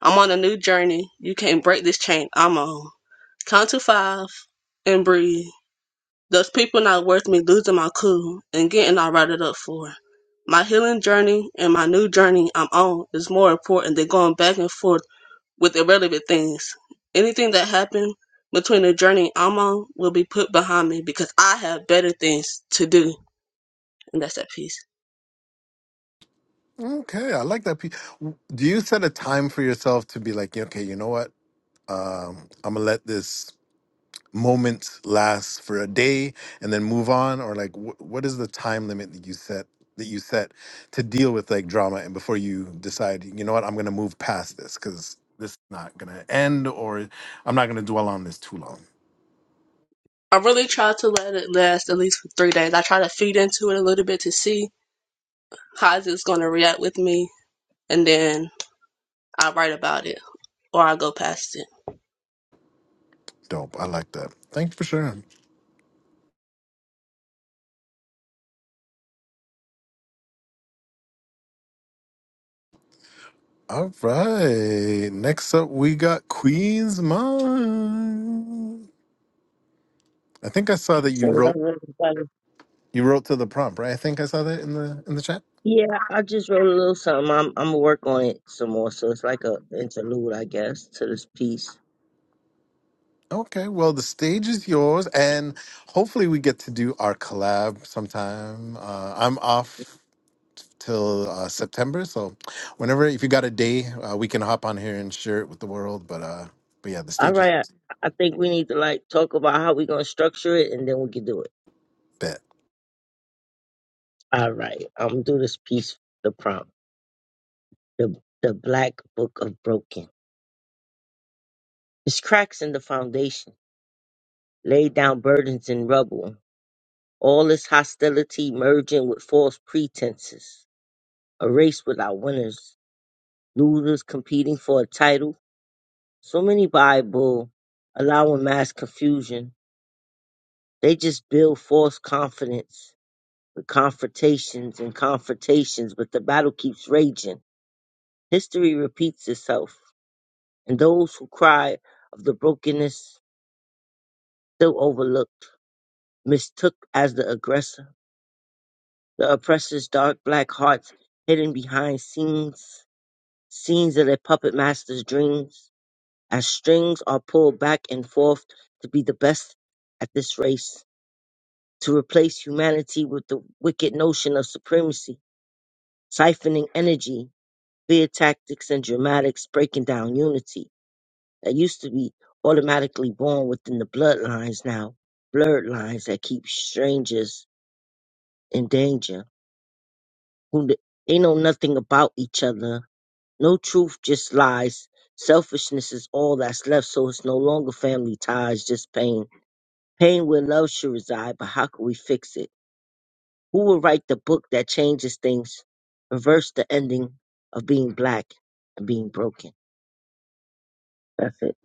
Speaker 4: I'm on a new journey. You can't break this chain I'm on. Count to five and breathe. Those people not worth me losing my cool and getting all rattled up for. My healing journey and my new journey I'm on is more important than going back and forth with irrelevant things. Anything that happened between the journey I'm on will be put behind me because I have better things to do. And that's that piece.
Speaker 1: Okay, I like that. pe- w- Do you set a time for yourself to be like, "Yeah, okay, you know what? um, I'm gonna let this moment last for a day and then move on, or like, wh- what is the time limit that you set that you set to deal with like drama and before you decide, you know what, I'm gonna move past this because this is not gonna end, or I'm not gonna dwell on this too long.
Speaker 4: I really try to let it last at least for three days. I try to feed into it a little bit to see how it's going to react with me, and then I write about it or I go past it.
Speaker 1: Dope, I like that. Thanks for sharing. All right, next up we got Queen's Mom. I think I saw that
Speaker 13: Peace
Speaker 1: you
Speaker 13: and
Speaker 1: wrote
Speaker 13: love, everybody.
Speaker 1: you wrote to the prompt, right? I think I saw that in the in the chat.
Speaker 13: Yeah, I just wrote a little something. I'm I'm gonna work on it some more. So it's like a interlude, I guess, to this piece.
Speaker 1: Okay, well, the stage is yours, and hopefully we get to do our collab sometime. Uh, I'm off till uh, September, so whenever if you got a day, uh, we can hop on here and share it with the world. But uh, but yeah, the
Speaker 13: All
Speaker 1: stage is
Speaker 13: right. I, I think we need to like talk about how we're gonna structure it, and then we can do it.
Speaker 1: bet.
Speaker 13: All right. I'm gonna do this piece. The prompt. The the Black Book of Broken. It's cracks in the foundation. Laid down burdens in rubble. All this hostility merging with false pretenses. A race without winners. Losers competing for a title So many Bible allowing mass confusion. They just build false confidence with confrontations and confrontations, but the battle keeps raging. History repeats itself, and those who cry of the brokenness still overlooked, mistook as the aggressor. The oppressor's dark black hearts hidden behind scenes, scenes of their puppet master's dreams, as strings are pulled back and forth to be the best at this race to replace humanity with the wicked notion of supremacy, siphoning energy via tactics and dramatics, breaking down unity that used to be automatically born within the bloodlines now, blurred lines that keep strangers in danger, who th- they know nothing about each other, no truth, just lies. Selfishness is all that's left, so it's no longer family ties, just pain. Pain where love should reside, but how can we fix it? Who will write the book that changes things, reverse the ending of being black and being broken? That's it.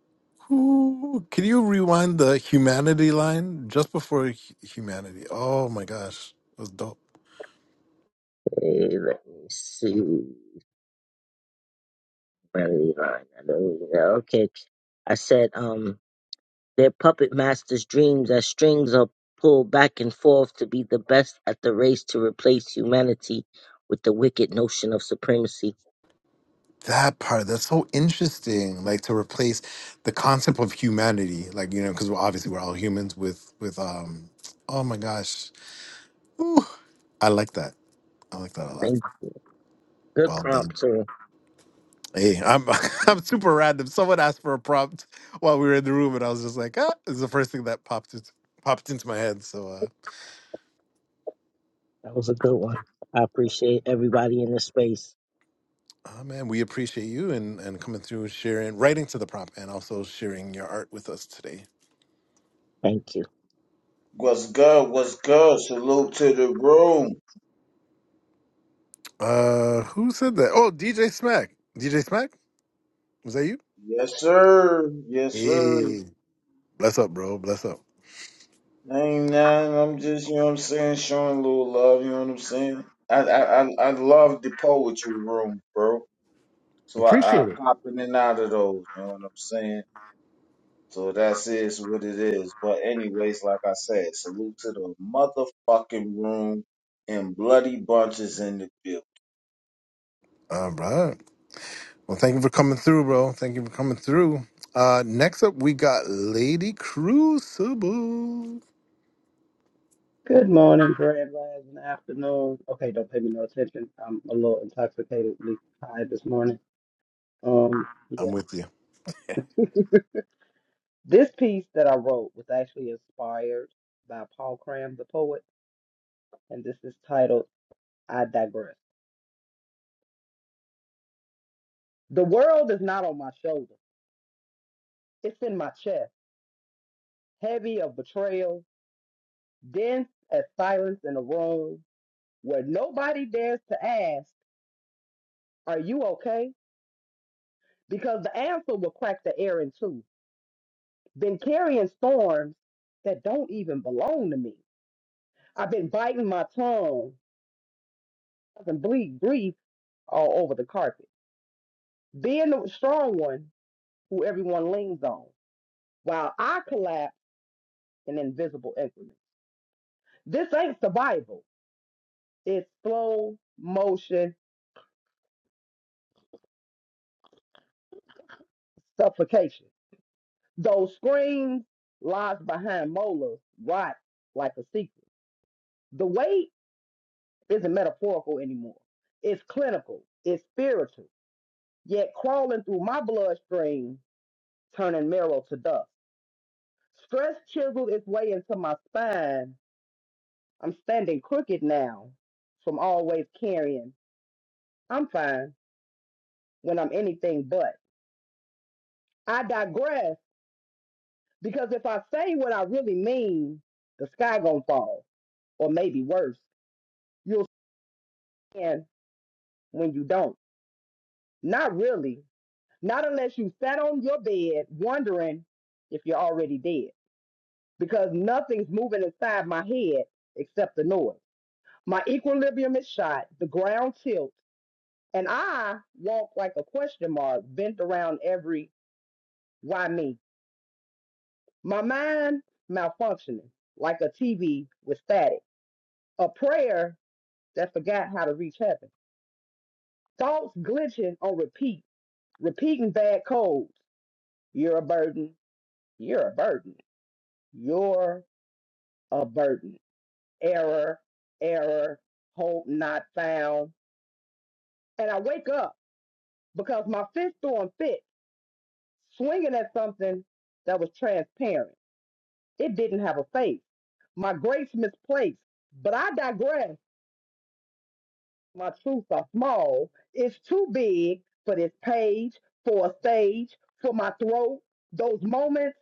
Speaker 1: Ooh, can you rewind the humanity line just before hu- humanity? Oh my gosh, that was dope.
Speaker 13: Hey, let me see. Melody line. I don't even know. yeah, Okay. I said, um, their puppet masters' dreams as strings are pulled back and forth to be the best at the race to replace humanity with the wicked notion of supremacy.
Speaker 1: That part, that's so interesting. Like to replace the concept of humanity, like you know, because we're obviously we're all humans with with um oh my gosh. Ooh, I like that. I like that a lot.
Speaker 13: Thank good
Speaker 1: Well done.
Speaker 13: prompt too.
Speaker 1: Hey, I'm I'm super random. Someone asked for a prompt while we were in the room and I was just like, ah, it's the first thing that popped into, popped into my head. So uh
Speaker 13: That was a good one. I appreciate everybody in this space.
Speaker 1: oh man, we appreciate you and and coming through sharing, writing to the prompt and also sharing your art with us today.
Speaker 13: Thank you.
Speaker 14: What's good? What's good? Salute to the room.
Speaker 1: Uh who said that? Oh, DJ Smack. DJ Smack? Was that you?
Speaker 14: Yes, sir. Yes, sir.
Speaker 1: Hey, bless up, bro. Bless up.
Speaker 14: Ain't nothing. I'm just, you know what I'm saying, showing a little love, you know what I'm saying? I I I, I love the poetry room, bro. So I, I
Speaker 1: Appreciate it.
Speaker 14: pop in and out of those, you know what I'm saying? So that's is what it is. But anyways, like I said, salute to the motherfucking room and bloody bunches in the building.
Speaker 1: All right. Well, thank you for coming through, bro. Thank you for coming through. Uh, next up, we got Lady Crucible.
Speaker 5: Good morning, grand rising, afternoon. Okay, don't pay me no attention. I'm a little intoxicatedly high this morning. Um,
Speaker 1: I'm
Speaker 5: yeah.
Speaker 1: with you.
Speaker 5: This piece that I wrote was actually inspired by Paul Cram, the poet, and this is titled I Digress. The world is not on my shoulder, it's in my chest, heavy of betrayal, dense as silence in a room where nobody dares to ask, Are you okay? Because the answer will crack the air in two. Been carrying storms that don't even belong to me. I've been biting my tongue, and bleed grief all over the carpet. Being the strong one who everyone leans on, while I collapse in invisible increments. This ain't survival, it's slow motion suffocation. Those screams lies behind molars rot like a secret. The weight isn't metaphorical anymore. It's clinical, it's spiritual, yet crawling through my bloodstream, turning marrow to dust. Stress chiseled its way into my spine. I'm standing crooked now from always carrying. I'm fine when I'm anything but. I digress because if I say what I really mean, the sky gonna fall, or maybe worse, you'll stand when you don't. Not really. Not unless you sat on your bed wondering if you're already dead, because nothing's moving inside my head except the noise. My equilibrium is shot, the ground tilts, and I walk like a question mark, bent around every why me My mind malfunctioning like a TV with static. A prayer that forgot how to reach heaven. Thoughts glitching on repeat, repeating bad codes. You're a burden. You're a burden. You're a burden. Error, error, hope not found. And I wake up because my fist throwing fit, swinging at something that was transparent. It didn't have a face. My grace misplaced. But I digress. my truths are small. It's too big for this page, for a stage, for my throat. Those moments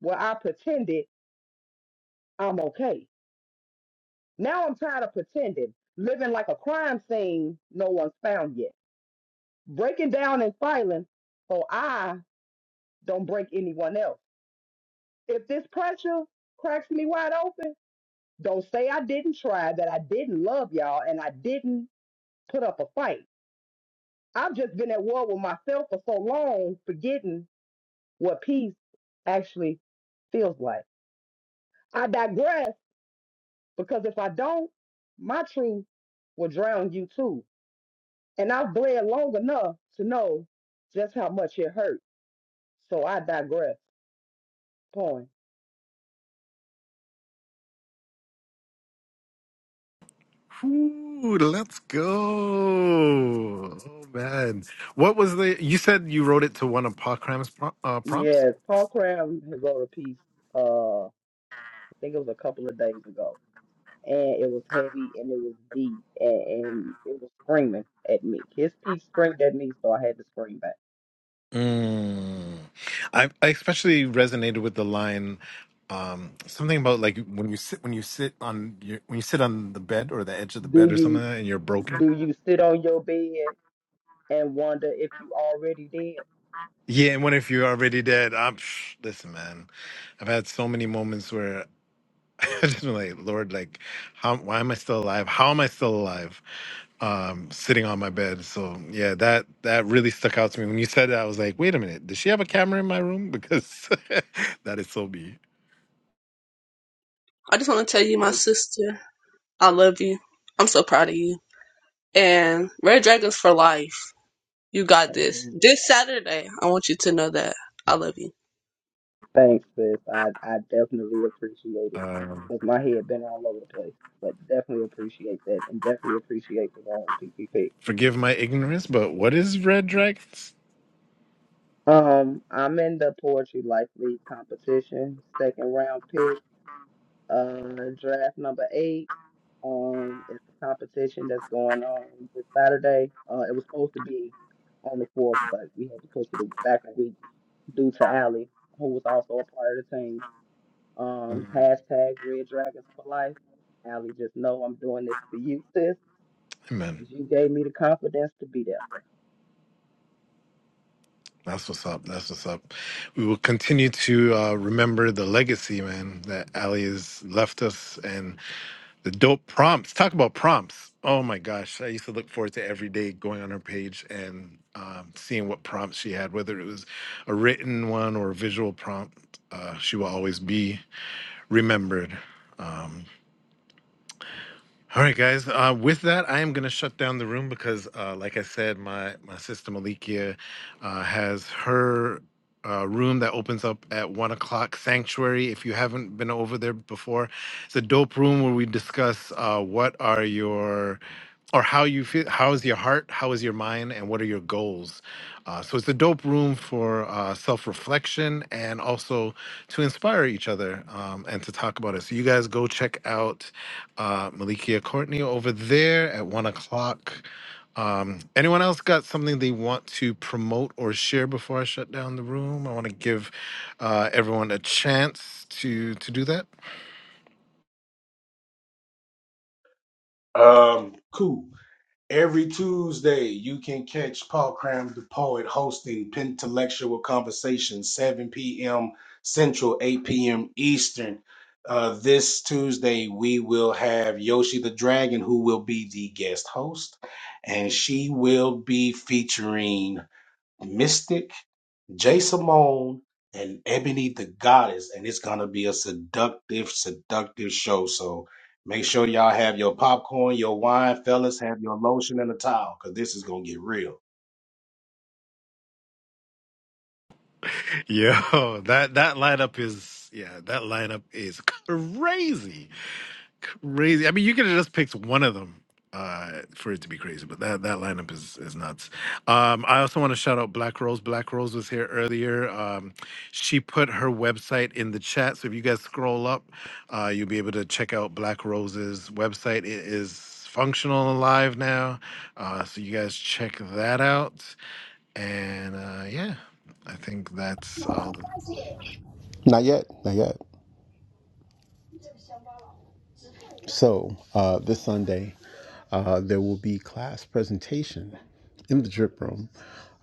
Speaker 5: where I pretended I'm okay. Now I'm tired of pretending, living like a crime scene no one's found yet, breaking down and filing, so I don't break anyone else. If this pressure cracks me wide open, don't say I didn't try, that I didn't love y'all, and I didn't put up a fight. I've just been at war with myself for so long, forgetting what peace actually feels like. I digress because if I don't, my truth will drown you too. And I've bled long enough to know just how much it hurt. So I digress. Point.
Speaker 1: Ooh, let's go. Oh man, what was the? You said you wrote it to one of Pa Cram's pro, uh, prompts.
Speaker 5: Yes, Paul Cram had wrote a piece, uh, I think it was a couple of days ago. And it was heavy and it was deep and, and it was screaming at me. His piece screamed at me, so I had to scream back.
Speaker 1: Mm. I, I especially resonated with the line, um, something about like when you sit when you sit on your when you sit on the bed or the edge of the
Speaker 5: Do
Speaker 1: bed or something
Speaker 5: you
Speaker 1: like that and you're broken.
Speaker 5: do you sit on your bed and wonder if you already did.
Speaker 1: Yeah, and what if you're already dead? I'm psh, listen, man. I've had so many moments where I just been like, Lord, like, how why am I still alive? How am I still alive? Um, sitting on my bed. So yeah, that that really stuck out to me when you said that. I was like, wait a minute, does she have a camera in my room? Because that is so me.
Speaker 4: I just want to tell you, my
Speaker 5: And-
Speaker 4: sister, I love you. I'm so proud of you. And Red Dragons for life. You got this.
Speaker 5: and
Speaker 4: This Saturday, I want you to know that I love you.
Speaker 5: Thanks, sis. I, I definitely appreciate it
Speaker 1: Um,
Speaker 5: because my head been all over the place, but definitely appreciate that and definitely appreciate the round PPP.
Speaker 1: Forgive my ignorance, but what is red dragons?
Speaker 5: Um, I'm in the poetry life league competition, second round pick, uh, draft number eight. Um, it's a competition that's going on this Saturday. Uh, it was supposed to be on the fourth, but we had to push it back a week due to Allie, who was also a part of the team.
Speaker 1: Mm,
Speaker 5: Um, hashtag Red Dragons for Life. Allie, just know I'm doing this for you, sis.
Speaker 1: Amen.
Speaker 5: 'cause You gave me the confidence to be there.
Speaker 1: That's what's up. That's what's up. We will continue to uh, remember the legacy, man, that Ali has left us and the dope prompts. Talk about prompts. Oh my gosh. I used to look forward to every day going on her page and um, seeing what prompts she had, whether it was a written one or a visual prompt. Uh, she will always be remembered. Um, All right, guys. Uh, with that, I am going to shut down the room because, uh, like I said, my my sister Malikia uh, has her uh, room that opens up at one o'clock. Sanctuary. If you haven't been over there before, it's a dope room where we discuss uh, what are your or how you feel. How is your heart? How is your mind? And what are your goals? Uh, so it's a dope room for uh, self reflection and also to inspire each other um, and to talk about it. So you guys go check out uh, Malikia Courtney over there at one o'clock. Um, anyone else got something they want to promote or share before I shut down the room? I want to give uh, everyone a chance to to do that.
Speaker 6: Um, cool. Every Tuesday, you can catch Paul Cram the Poet hosting Pentelectual Conversations, 7 p.m. Central, 8 p.m. Eastern. Uh, this Tuesday, we will have Yoshi the Dragon, who will be the guest host, and she will be featuring Mystic. Jay Simone and Ebony the Goddess, and it's gonna be a seductive, seductive show. So make sure y'all have your popcorn, your wine, fellas, have your lotion and a towel, cause this is gonna get real.
Speaker 1: Yo, that that lineup is yeah, that lineup is crazy, crazy. I mean, you could have just picked one of them uh, for it to be crazy, but that that lineup is is nuts. Um, I also want to shout out Black Rose. Black Rose was here earlier. Um, she put her website in the chat, so if you guys scroll up, uh, you'll be able to check out Black Rose's website. It is functional and live now, uh, so you guys check that out. And uh, yeah, I think that's all.
Speaker 3: Not yet, not yet. So, uh, this Sunday, uh, there will be class presentation in the drip room.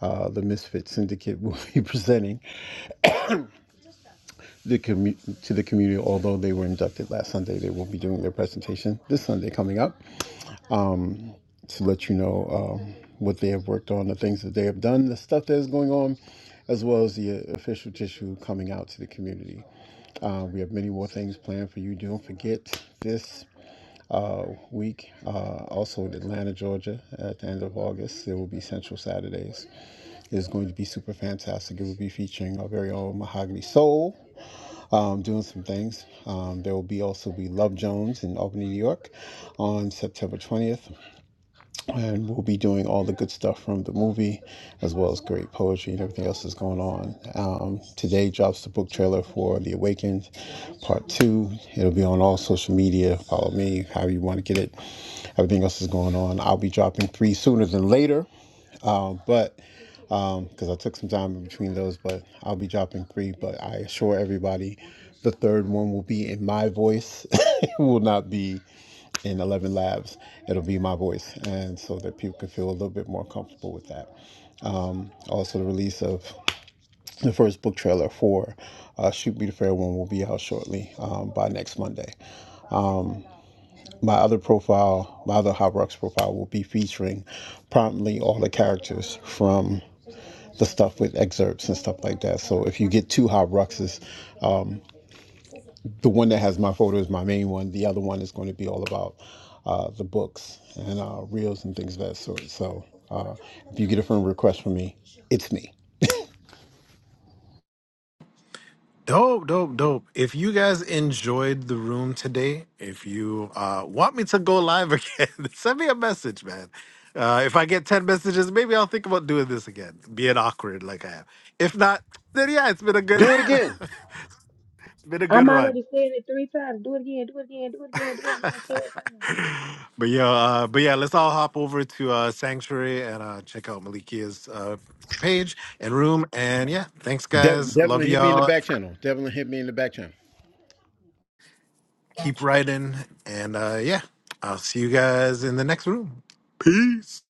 Speaker 3: Uh, the Misfit Syndicate will be presenting the commu- to the community. Although they were inducted last Sunday, they will be doing their presentation this Sunday coming up um, to let you know um, what they have worked on, the things that they have done, the stuff that is going on, as well as the uh, official tissue coming out to the community. Uh, we have many more things planned for you. Don't forget this uh, week. Uh, also in Atlanta, Georgia, at the end of August, there will be Central Saturdays. It's going to be super fantastic. It will be featuring our very own Mahogany Soul. Um, doing some things. Um, there will be also be Love Jones in Albany, New York, on September 20th, and we'll be doing all the good stuff from the movie, as well as great poetry and everything else that's going on. Um, today drops the book trailer for The Awakened, Part Two. It'll be on all social media. Follow me, however you want to get it everything else is going on. I'll be dropping three sooner than later, um, but because um, I took some time in between those, but I'll be dropping three. But I assure everybody, the third one will be in my voice. it will not be in Eleven Labs. It'll be my voice, and so that people can feel a little bit more comfortable with that. Also, the release of the first book trailer for uh, Shoot Be the Fair One will be out shortly um, by next Monday. My other profile, my other Hot Rocks profile, will be featuring prominently all the characters from the stuff with excerpts and stuff like that. So if you get two Hot Ruxes, um, the one that has my photo is my main one. The other one is going to be all about uh, the books and uh, reels and things of that sort. So uh, if you get a friend request from me, it's me.
Speaker 1: Dope, dope, dope. If you guys enjoyed the room today, if you uh, want me to go live again, send me a message, man. Uh, if I get 10 messages, maybe I'll think about doing this again, being awkward like I am. If not, then yeah, it's been a good
Speaker 3: Do it again.
Speaker 1: it's been a good
Speaker 5: I'm
Speaker 1: run.
Speaker 5: already saying it three times. Do it again, do it again, do it again, do it again, twelve times.
Speaker 1: but yeah, uh, but yeah, let's all hop over to uh, Sanctuary and uh, check out Malikia's uh, page and room. And yeah, thanks
Speaker 3: Dev-
Speaker 1: guys. Love
Speaker 3: Devlin hit me in the
Speaker 1: y'all.
Speaker 3: back channel. Devlin hit me in the back channel.
Speaker 1: Keep
Speaker 9: Gotcha.
Speaker 1: writing. And uh, yeah, I'll see you guys in the next room. Peace.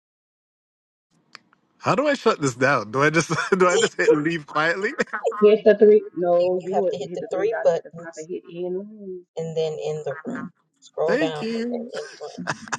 Speaker 1: How do I shut this down? Do I just do I
Speaker 9: you,
Speaker 1: just hit leave quietly?
Speaker 5: Hit the three. No,
Speaker 9: you
Speaker 5: you
Speaker 9: have
Speaker 5: would
Speaker 9: to hit
Speaker 5: hit
Speaker 9: the
Speaker 5: the three
Speaker 9: three
Speaker 5: dots at the top and
Speaker 9: buttons
Speaker 5: hit end.
Speaker 9: and then in the room. Scroll
Speaker 1: Thank
Speaker 9: down and then
Speaker 1: you.
Speaker 9: in the room.